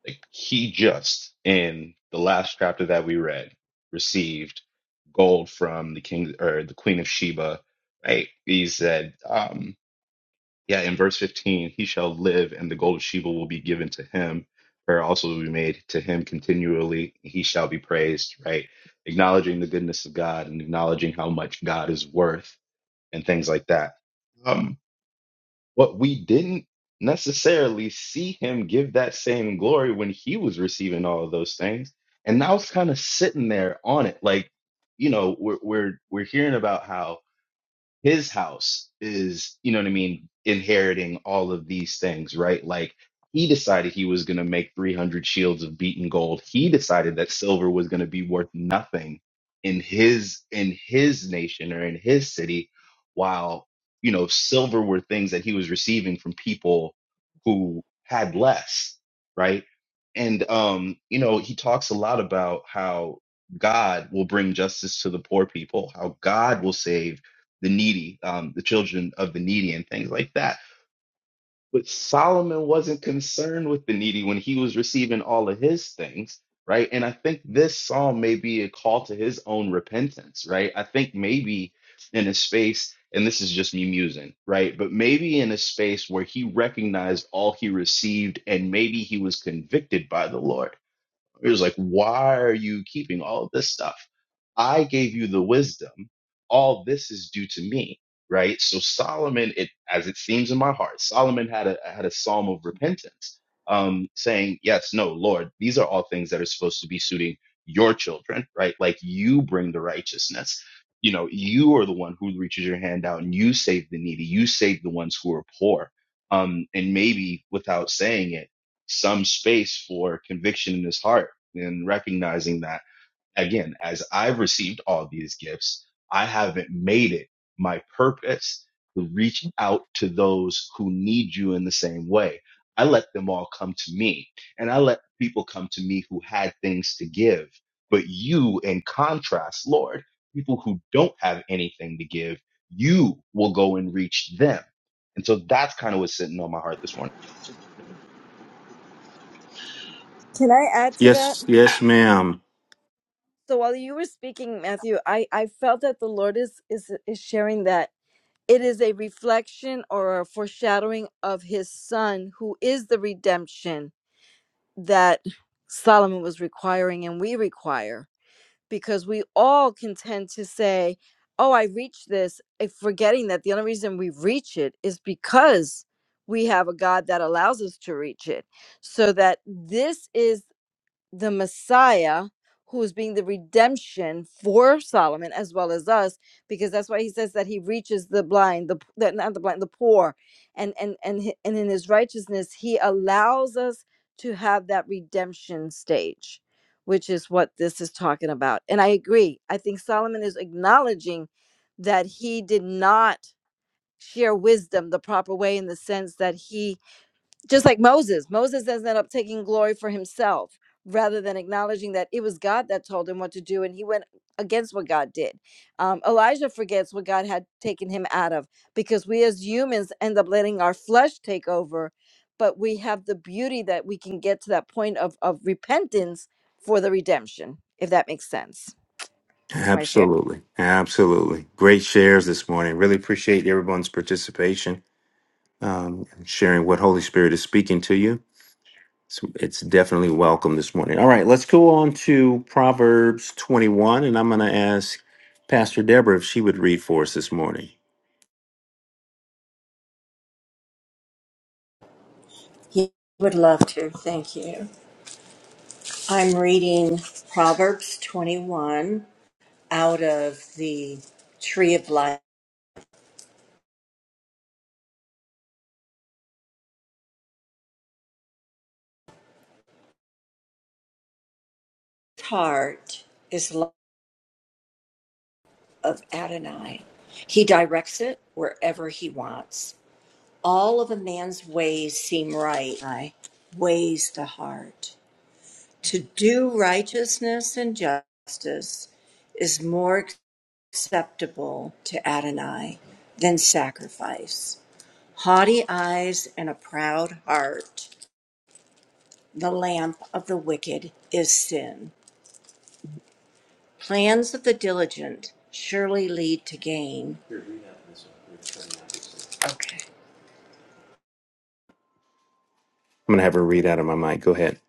S5: Like he just in the last chapter that we read received gold from the king or the queen of Sheba. Right? He said, um, yeah, in verse 15, he shall live and the gold of Sheba will be given to him. Prayer also will be made to him continually. He shall be praised, right? Acknowledging the goodness of God and acknowledging how much God is worth and things like that. Um, but we didn't necessarily see him give that same glory when he was receiving all of those things. And I was kind of sitting there on it. Like, you know, we're we're we're hearing about how his house is, you know what I mean, inheriting all of these things, right? Like he decided he was going to make 300 shields of beaten gold. He decided that silver was going to be worth nothing in his in his nation or in his city while, you know, silver were things that he was receiving from people who had less, right? And um, you know, he talks a lot about how God will bring justice to the poor people, how God will save the needy, um, the children of the needy, and things like that. But Solomon wasn't concerned with the needy when he was receiving all of his things, right? And I think this psalm may be a call to his own repentance, right? I think maybe in a space, and this is just me musing, right? But maybe in a space where he recognized all he received and maybe he was convicted by the Lord it was like, Why are you keeping all of this stuff? I gave you the wisdom. All this is due to me, right? So Solomon, it as it seems in my heart, Solomon had a had a psalm of repentance, um, saying, Yes, no, Lord, these are all things that are supposed to be suiting your children, right? Like you bring the righteousness. You know, you are the one who reaches your hand out and you save the needy, you save the ones who are poor. Um, and maybe without saying it, some space for conviction in his heart and recognizing that again, as I've received all these gifts, I haven't made it my purpose to reach out to those who need you in the same way. I let them all come to me and I let people come to me who had things to give. But you, in contrast, Lord, people who don't have anything to give, you will go and reach them. And so that's kind of what's sitting on my heart this morning.
S8: Can I add to that?
S1: Yes, yes, ma'am.
S8: So while you were speaking, Matthew, I, I felt that the Lord is, is is sharing that it is a reflection or a foreshadowing of his son who is the redemption that Solomon was requiring and we require because we all can tend to say, Oh, I reached this, eh, forgetting that the only reason we reach it is because we have a God that allows us to reach it. So that this is the Messiah who is being the redemption for Solomon as well as us because that's why he says that he reaches the blind the, p- the not the blind the poor and and and hi- and in his righteousness he allows us to have that redemption stage which is what this is talking about and I agree I think Solomon is acknowledging that he did not share wisdom the proper way in the sense that he just like Moses, Moses ended up taking glory for himself rather than acknowledging that it was God that told him what to do, and he went against what God did. Um, Elijah forgets what God had taken him out of because we as humans end up letting our flesh take over, but we have the beauty that we can get to that point of of repentance for the redemption, if that makes sense. That's my share.
S1: Absolutely. Absolutely. Great shares this morning. Really appreciate everyone's participation, um, and sharing what Holy Spirit is speaking to you. It's, it's definitely welcome this morning. All right, let's go on to Proverbs 21, and I'm going to ask Pastor Deborah if she would read for us this morning.
S6: He would love to. Thank you. I'm reading Proverbs 21 out of the Tree of Life. Heart is love of Adonai. He directs it wherever he wants. All of a man's ways seem right. I ways the heart. To do righteousness and justice is more acceptable to Adonai than sacrifice. Haughty eyes and a proud heart, the lamp of the wicked is sin. Plans of the diligent surely lead to gain. Okay.
S1: I'm going to have her read out of my mic. Go ahead.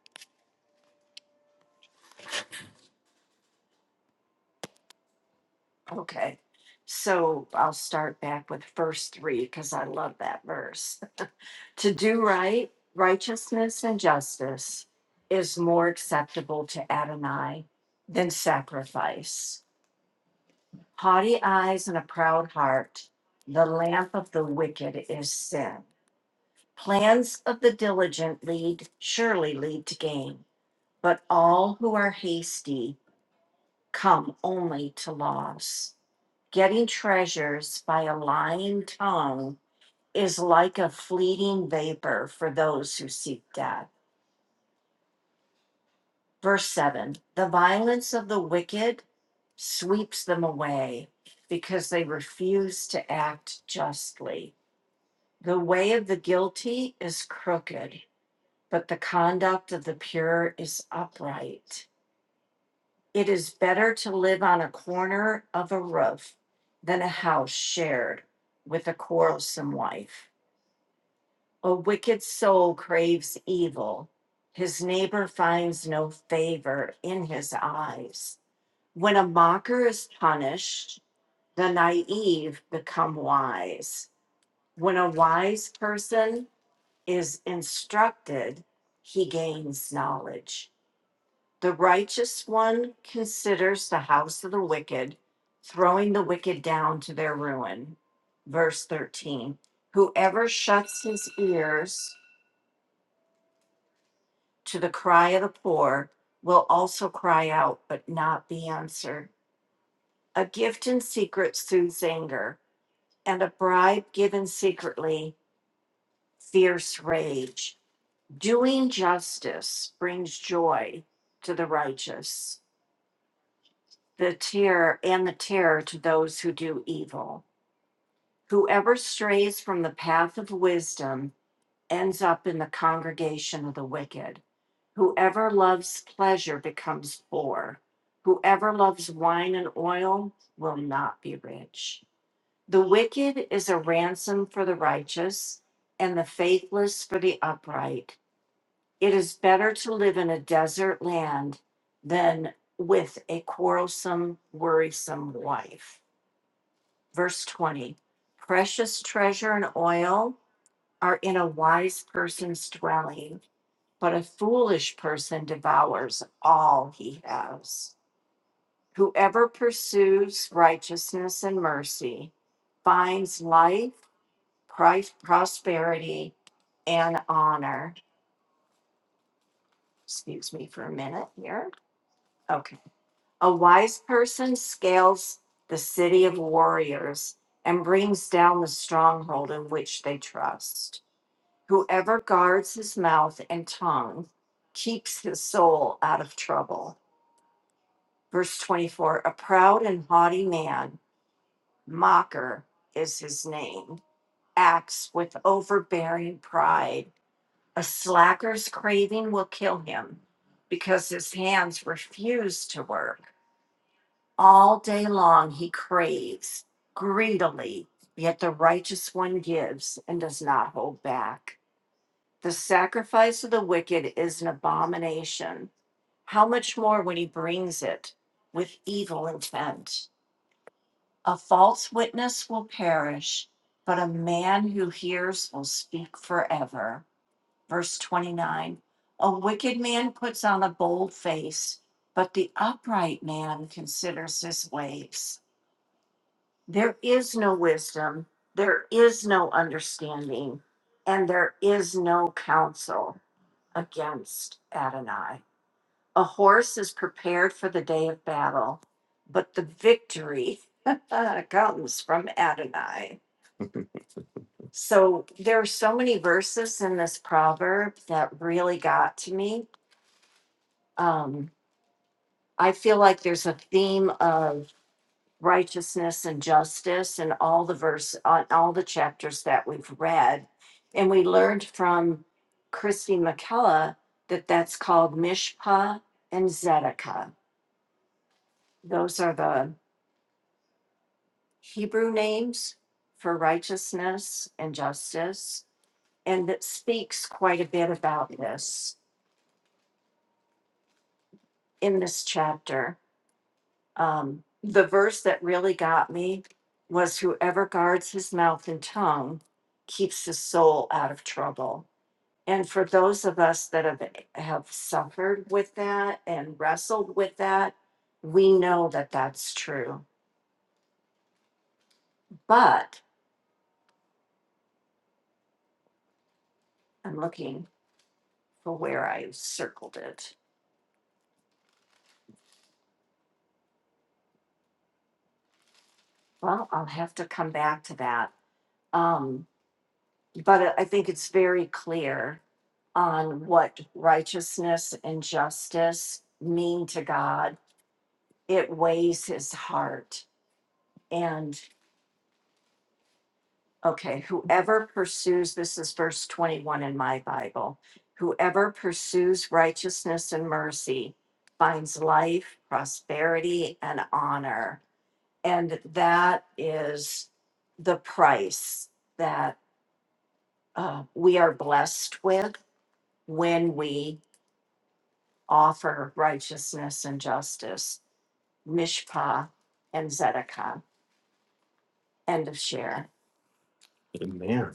S1: Amen.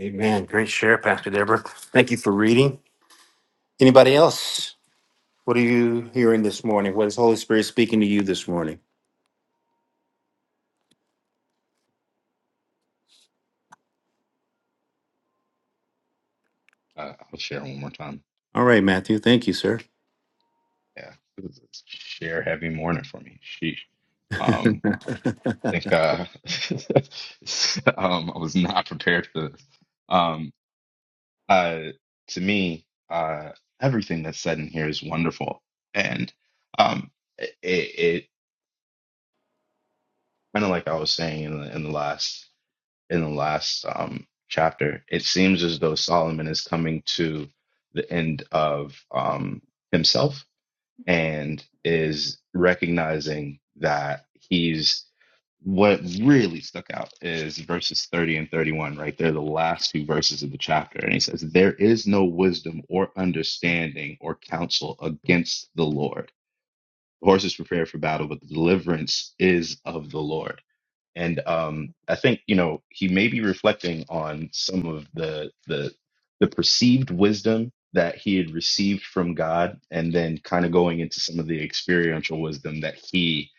S1: Amen. Great share, Pastor Deborah. Thank you for reading. Anybody else? What are you hearing this morning? What is Holy Spirit speaking to you this morning?
S5: Uh, I'll share one more time.
S1: All right, Matthew. Thank you, sir.
S5: Yeah, it was a sheer heavy morning for me. Sheesh. Um, I think uh, um, I was not prepared for this. Um, uh, to me, uh, everything that's said in here is wonderful, and um, it, it kind of like I was saying in the in the last in the last um chapter, it seems as though Solomon is coming to the end of um himself and is recognizing that he's what really stuck out is verses 30 and 31 right they're the last two verses of the chapter and he says there is no wisdom or understanding or counsel against the lord the horse is prepared for battle but the deliverance is of the lord and um, I think you know he may be reflecting on some of the the the perceived wisdom that he had received from God, and then kind of going into some of the experiential wisdom that he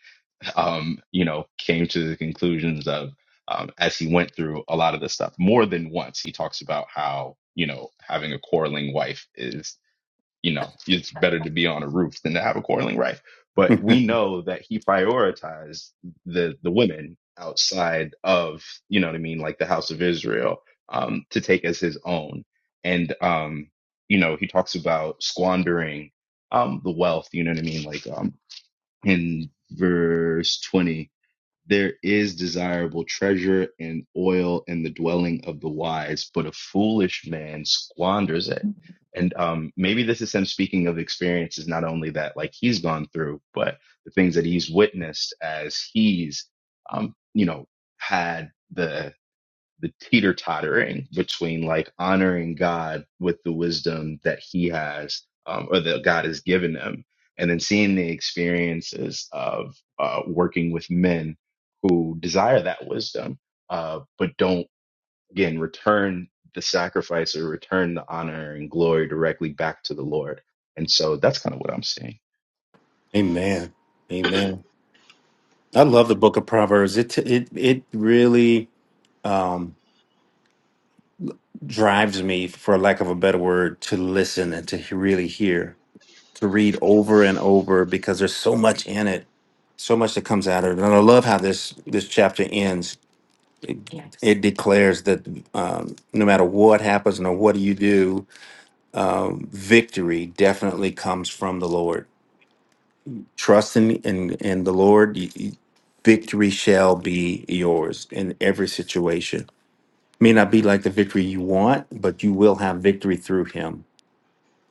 S5: um, you know came to the conclusions of um, as he went through a lot of this stuff. More than once, he talks about how you know having a quarreling wife is you know, it's better to be on a roof than to have a quarreling wife. But we know that he prioritized the the women outside of, you know what I mean, like the house of Israel, um, to take as his own. And um, you know, he talks about squandering um the wealth, you know what I mean, like um in verse 20 there is desirable treasure and oil in the dwelling of the wise, but a foolish man squanders it. And um, maybe this is him speaking of experiences, not only that like he's gone through, but the things that he's witnessed as he's, um, you know, had the the teeter tottering between like honoring God with the wisdom that He has um, or that God has given them, and then seeing the experiences of uh, working with men who desire that wisdom uh, but don't again return the sacrifice or return the honor and glory directly back to the Lord. And so that's kind of what I'm seeing.
S1: Amen. Amen. I love the book of Proverbs. It it it really um drives me for lack of a better word to listen and to he- really hear, to read over and over because there's so much in it. So much that comes out of it. And I love how this this chapter ends. Yes. It declares that um, no matter what happens, no what do you do, um, victory definitely comes from the Lord. trusting in in the Lord, y- y- victory shall be yours in every situation. May not be like the victory you want, but you will have victory through Him.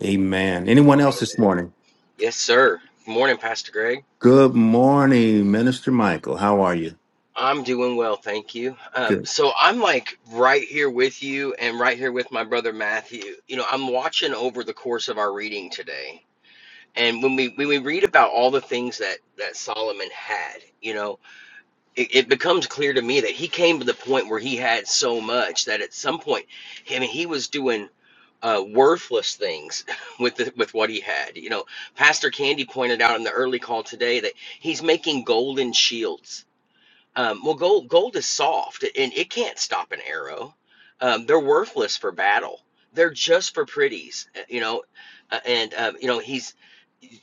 S1: Amen. Anyone else this
S9: Amen.
S1: morning?
S9: Yes, sir. Good morning, Pastor Greg.
S1: Good morning, Minister Michael. How are you?
S9: I'm doing well, thank you. Um,
S1: Good.
S9: so I'm like right here with you and right here with my brother Matthew. You know, I'm watching over the course of our reading today. And when we when we read about all the things that that Solomon had, you know, it, it becomes clear to me that he came to the point where he had so much that at some point, I mean, he was doing uh, worthless things with the, with what he had. You know, Pastor Candy pointed out in the early call today that he's making golden shields um, well, gold gold is soft and it can't stop an arrow. Um, they're worthless for battle. They're just for pretties, uh, you know. Uh, and um, you know he's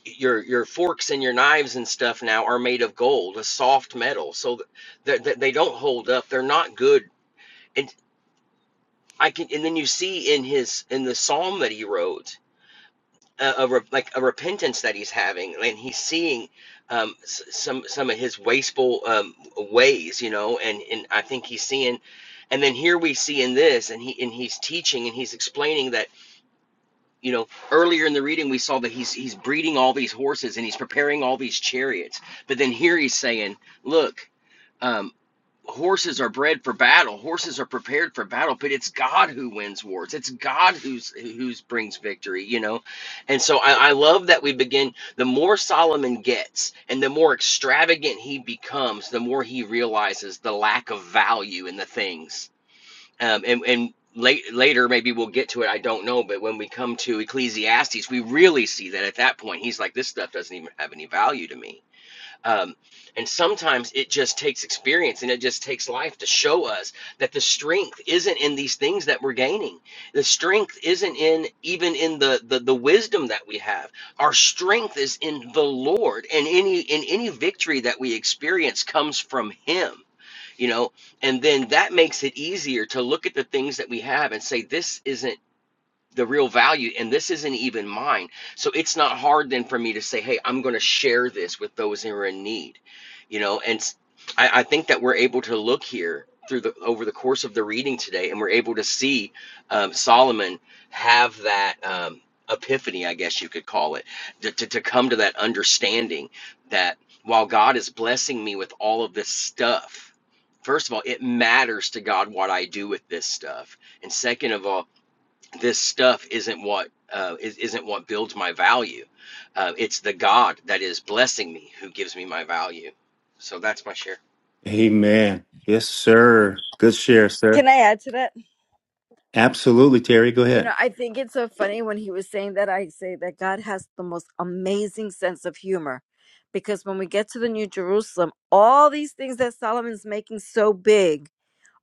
S9: your your forks and your knives and stuff now are made of gold, a soft metal, so that that they don't hold up. They're not good. And I can and then you see in his in the psalm that he wrote a, a like a repentance that he's having, and he's seeing um, s- some some of his wasteful um, ways, you know, and and I think he's seeing, and then here we see in this, and he and he's teaching and he's explaining that you know earlier in the reading we saw that he's he's breeding all these horses and he's preparing all these chariots, but then here he's saying, look. Um, horses are bred for battle horses are prepared for battle but it's god who wins wars it's god who's who's brings victory you know and so I, I love that we begin the more solomon gets and the more extravagant he becomes the more he realizes the lack of value in the things um, and and late, later maybe we'll get to it i don't know but when we come to ecclesiastes we really see that at that point he's like this stuff doesn't even have any value to me um, and sometimes it just takes experience and it just takes life to show us that the strength isn't in these things that we're gaining. The strength isn't in even in the, the the wisdom that we have. Our strength is in the Lord, and any in any victory that we experience comes from Him. You know, and then that makes it easier to look at the things that we have and say, "This isn't." the real value and this isn't even mine so it's not hard then for me to say hey i'm going to share this with those who are in need you know and I I think that we're able to look here through the over the course of the reading today and we're able to see um, solomon have that um, epiphany i guess you could call it to, to, to come to that understanding that while god is blessing me with all of this stuff First of all, it matters to God what I do with this stuff. And second of all, this stuff isn't what uh, is, not what builds my value. Uh, it's the God that is blessing me who gives me my value. So that's my share.
S1: Amen. Yes, sir. Good share,
S8: Can
S1: sir.
S8: I add to that?
S1: Absolutely, Terry. Go
S8: You know,
S1: ahead.
S8: I think it's so funny when he was saying that. I say that God has the most amazing sense of humor because when we get to the New Jerusalem, all these things that Solomon's making so big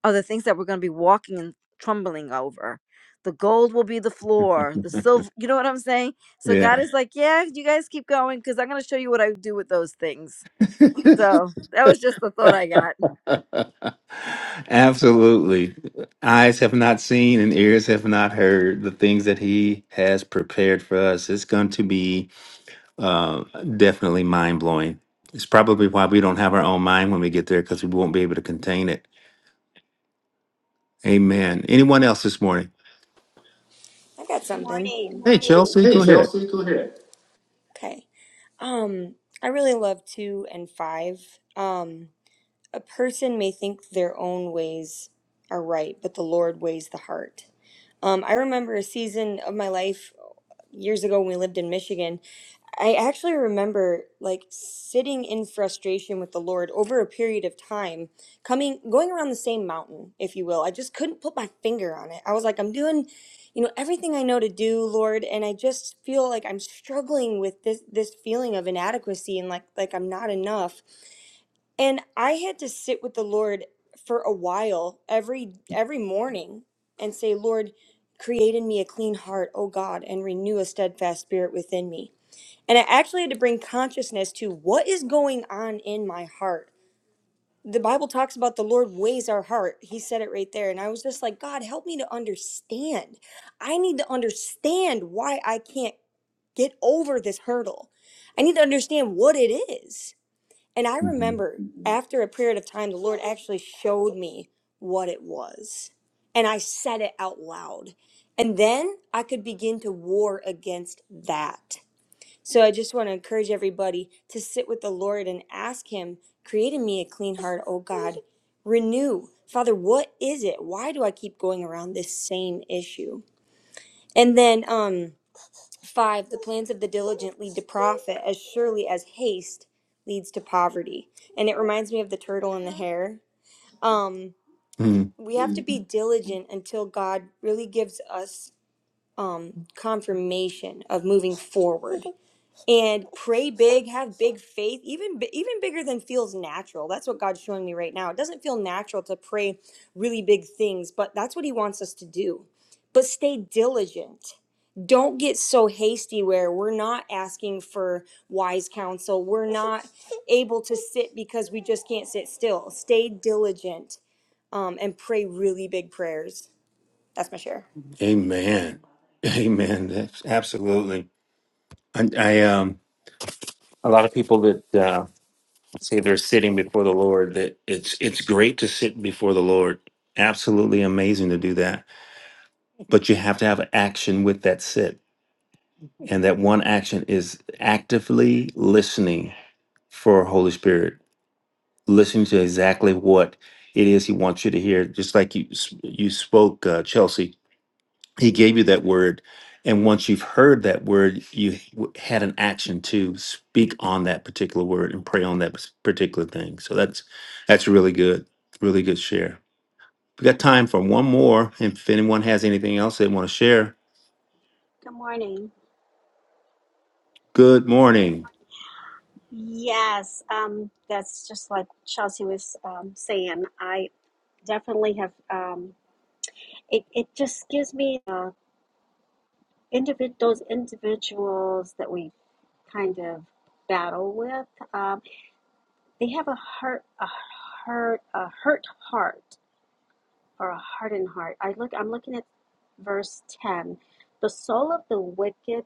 S8: are the things that we're going to be walking and trembling over. The gold will be the floor, the silver, you know what I'm saying? So
S1: Yeah.
S8: God is like, yeah, you guys keep going because I'm going to show you what I do with those things. So that was just the thought I got.
S1: Absolutely. Eyes have not seen and ears have not heard the things that he has prepared for us. It's going to be uh, definitely mind blowing. It's probably why we don't have our own mind when we get there because we won't be able to contain it. Amen. Anyone else this morning?
S10: I got
S11: Good
S10: something.
S11: morning.
S1: Hey, Chelsea,
S10: Hey,
S1: go ahead.
S10: Chelsea, go ahead. Okay. Um, I really love two and five. Um, a person may think their own ways are right, but the Lord weighs the heart. Um, I remember a season of my life years ago when we lived in Michigan. I actually remember like sitting in frustration with the Lord over a period of time, coming going around the same mountain, if you will. I just couldn't put my finger on it. I was like, I'm doing, you know, everything I know to do, Lord, and I just feel like I'm struggling with this this feeling of inadequacy and like like I'm not enough and i had to sit with the lord for a while every every morning and say lord create in me a clean heart o god and renew a steadfast spirit within me and i actually had to bring consciousness to what is going on in my heart the bible talks about the lord weighs our heart he said it right there and i was just like god help me to understand i need to understand why i can't get over this hurdle i need to understand what it is and I
S1: Mhm.
S10: remember after a period of time, the Lord actually showed me what it was. And I said it out loud. And then I could begin to war against that. So I just want to encourage everybody to sit with the Lord and ask Him, create in me a clean heart, oh God. Renew. Father, what is it? Why do I keep going around this same issue? And then, um, 5. The plans of the diligent lead to profit as surely as haste leads to poverty. And it reminds me of the turtle and the hare. Um,
S1: Mm.
S10: we have to be diligent until God really gives us um, confirmation of moving forward and pray big have big faith even bi- even bigger than feels natural that's what god's showing me right now it doesn't feel natural to pray really big things but that's what he wants us to do but stay diligent don't get so hasty where we're not asking for wise counsel we're not able to sit because we just can't sit still stay diligent um, and pray really big prayers that's my share
S1: Amen. Amen. That's absolutely. I, I um a lot of people that say they're sitting before the Lord, that it's it's great to sit before the Lord. Absolutely amazing to do that. But you have to have action with that sit. And that one action is actively listening for Holy Spirit, listening to exactly what it is he wants you to hear. Just like you s- you spoke, uh, Chelsea, he gave you that word and once you've heard that word you h- w- had an action to speak on that particular word and pray on that particular thing so that's that's really good really good share we got time for one more if anyone has anything else they want to share
S11: Good morning.
S1: good morning
S11: Yes, um, that's just like Chelsea was um, saying. I definitely have. Um, it it just gives me uh, individ those individuals that we kind of battle with. Um, they have a hurt a hurt a hurt heart or a hardened heart. I look. I'm looking at verse ten. The soul of the wicked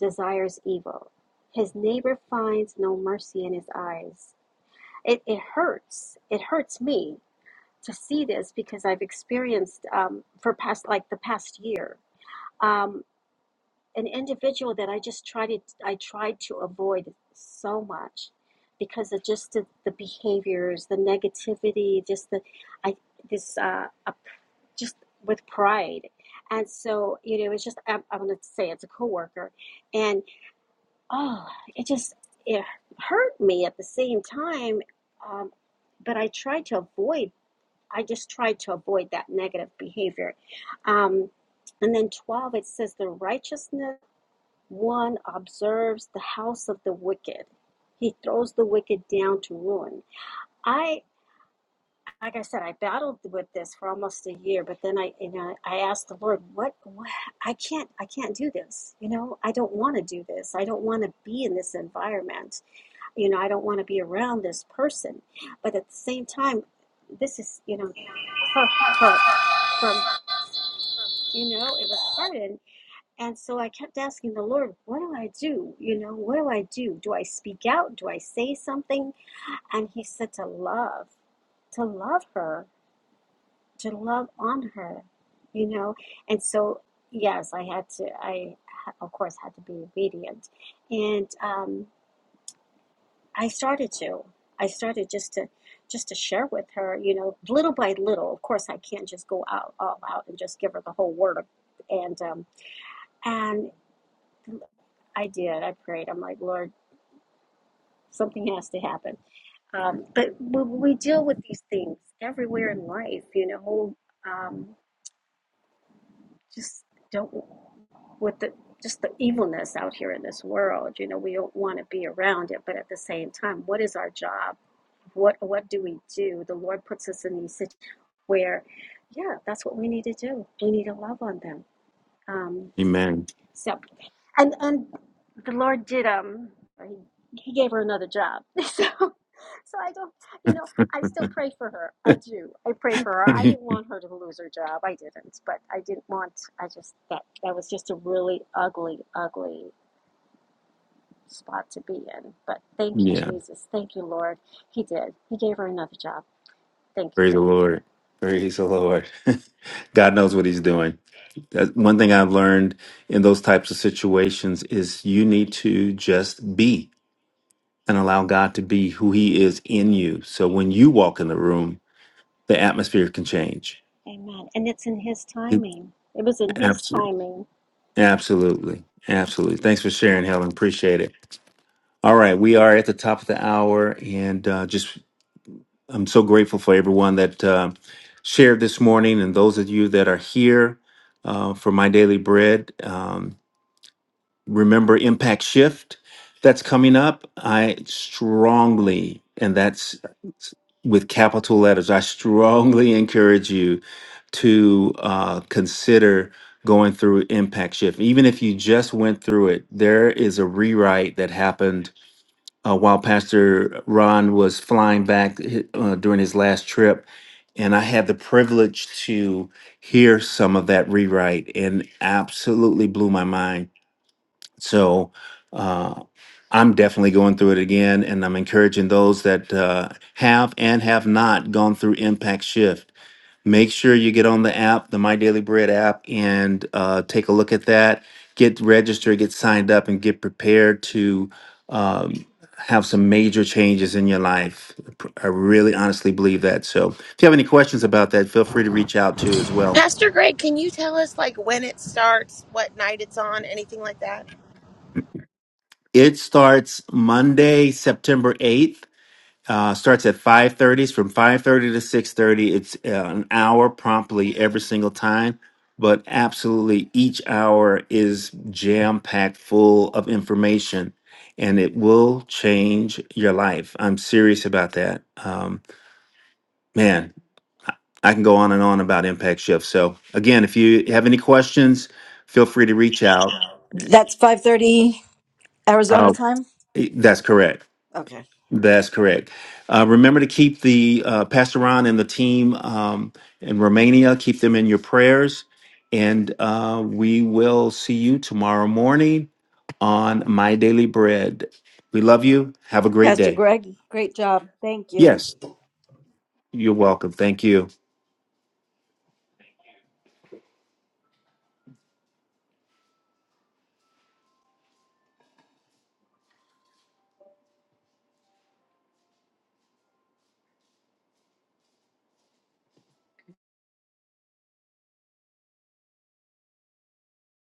S11: desires evil. His neighbor finds no mercy in his eyes. it, it hurts. It hurts me to see this because I've experienced um, for past like the past year um, an individual that I just tried to I tried to avoid so much because of just the, the behaviors, the negativity, just the I this uh, a, just with pride. And so, you know, it's just, I'm, I'm going to say it's a coworker and oh, it just it hurt me at the same time. Um, but I tried to avoid. I just tried to avoid that negative behavior. Um, and then twelve, it says the righteousness one observes the house of the wicked. He throws the wicked down to ruin. I, like I said, I battled with this for almost a year, but then I, you know, I asked the Lord, what, what, I can't, I can't do this. You know, I don't want to do this. I don't want to be in this environment you know, I don't want to be around this person. But at the same time, this is, you know, her hurt from, you know, it was hardened. And so I kept asking the Lord, what do I do? You know, what do I do? Do I speak out? Do I say something? And he said to love, to love her, to love on her, you know? And so, yes, I had to, I, of course, had to be obedient. And, um, I started to. I started just to just to share with her, you know, little by little. Of course, I can't just go out all out and just give her the whole word. and um, and I did. I prayed. I'm like, Lord, something has to happen. Um, but we, we deal with these things everywhere in life, you know. Um, just don't with the just the evilness out here in this world. You know, we don't want to be around it, but at the same time, what is our job? what what do we do? The Lord puts us in these situations where, yeah, that's what we need to do. We need to love on them. Um,
S1: amen
S11: so, and and the Lord did um he, he gave her another job. so so I don't you know I still pray for her. I do. I pray for her. I didn't want her to lose her job. I didn't, but I didn't want. I just that that was just a really ugly, ugly spot to be in. But thank you,
S1: yeah
S11: Jesus. Thank you, Lord. He did. He gave her another job. Thank you.
S1: praise the lord praise the lord god knows what he's doing That's one thing i've learned in those types of situations is you need to just be and allow God to be who He is in you. So when you walk in the room, the atmosphere can change.
S11: Amen. And it's in His timing. It was in His
S1: Absolutely.
S11: timing.
S1: Absolutely. Absolutely. Thanks for sharing, Helen. Appreciate it. All right. We are at the top of the hour, and uh, just I'm so grateful for everyone that uh, shared this morning and those of you that are here uh, for my daily bread. Um, remember impact shift that's coming up i strongly and that's with capital letters i strongly encourage you to uh, consider going through impact shift even if you just went through it there is a rewrite that happened uh, while pastor ron was flying back uh, during his last trip and i had the privilege to hear some of that rewrite and absolutely blew my mind so uh, I'm definitely going through it again, and I'm encouraging those that uh, have and have not gone through Impact Shift. Make sure you get on the app, the My Daily Bread app, and uh, take a look at that. Get registered, get signed up, and get prepared to um, have some major changes in your life. Pr- I really honestly believe that. So if you have any questions about that, feel free to reach out to as well.
S7: Pastor Greg, can you tell us like when it starts, what night it's on, anything like that?
S1: It starts Monday, September 8th Uh, starts at 5.30. from 5.30 to 6.30. It's uh, an hour promptly every single time. But absolutely each hour is jam-packed full of information. And it will change your life. I'm serious about that. Um, man, I can go on and on about Impact Shift. So again, if you have any questions, feel free to reach out.
S8: That's 5:30 Arizona
S1: Uh,
S8: time.
S1: that's correct.
S8: Okay.
S1: That's correct. Uh, remember to keep the uh, Pastor Ron and the team um, in Romania, keep them in your prayers. And uh, we will see you tomorrow morning on My Daily Bread. We love you. Have a great
S8: Pastor
S1: day.
S8: Greg, great job. Thank you.
S1: Yes, you're welcome. Thank you.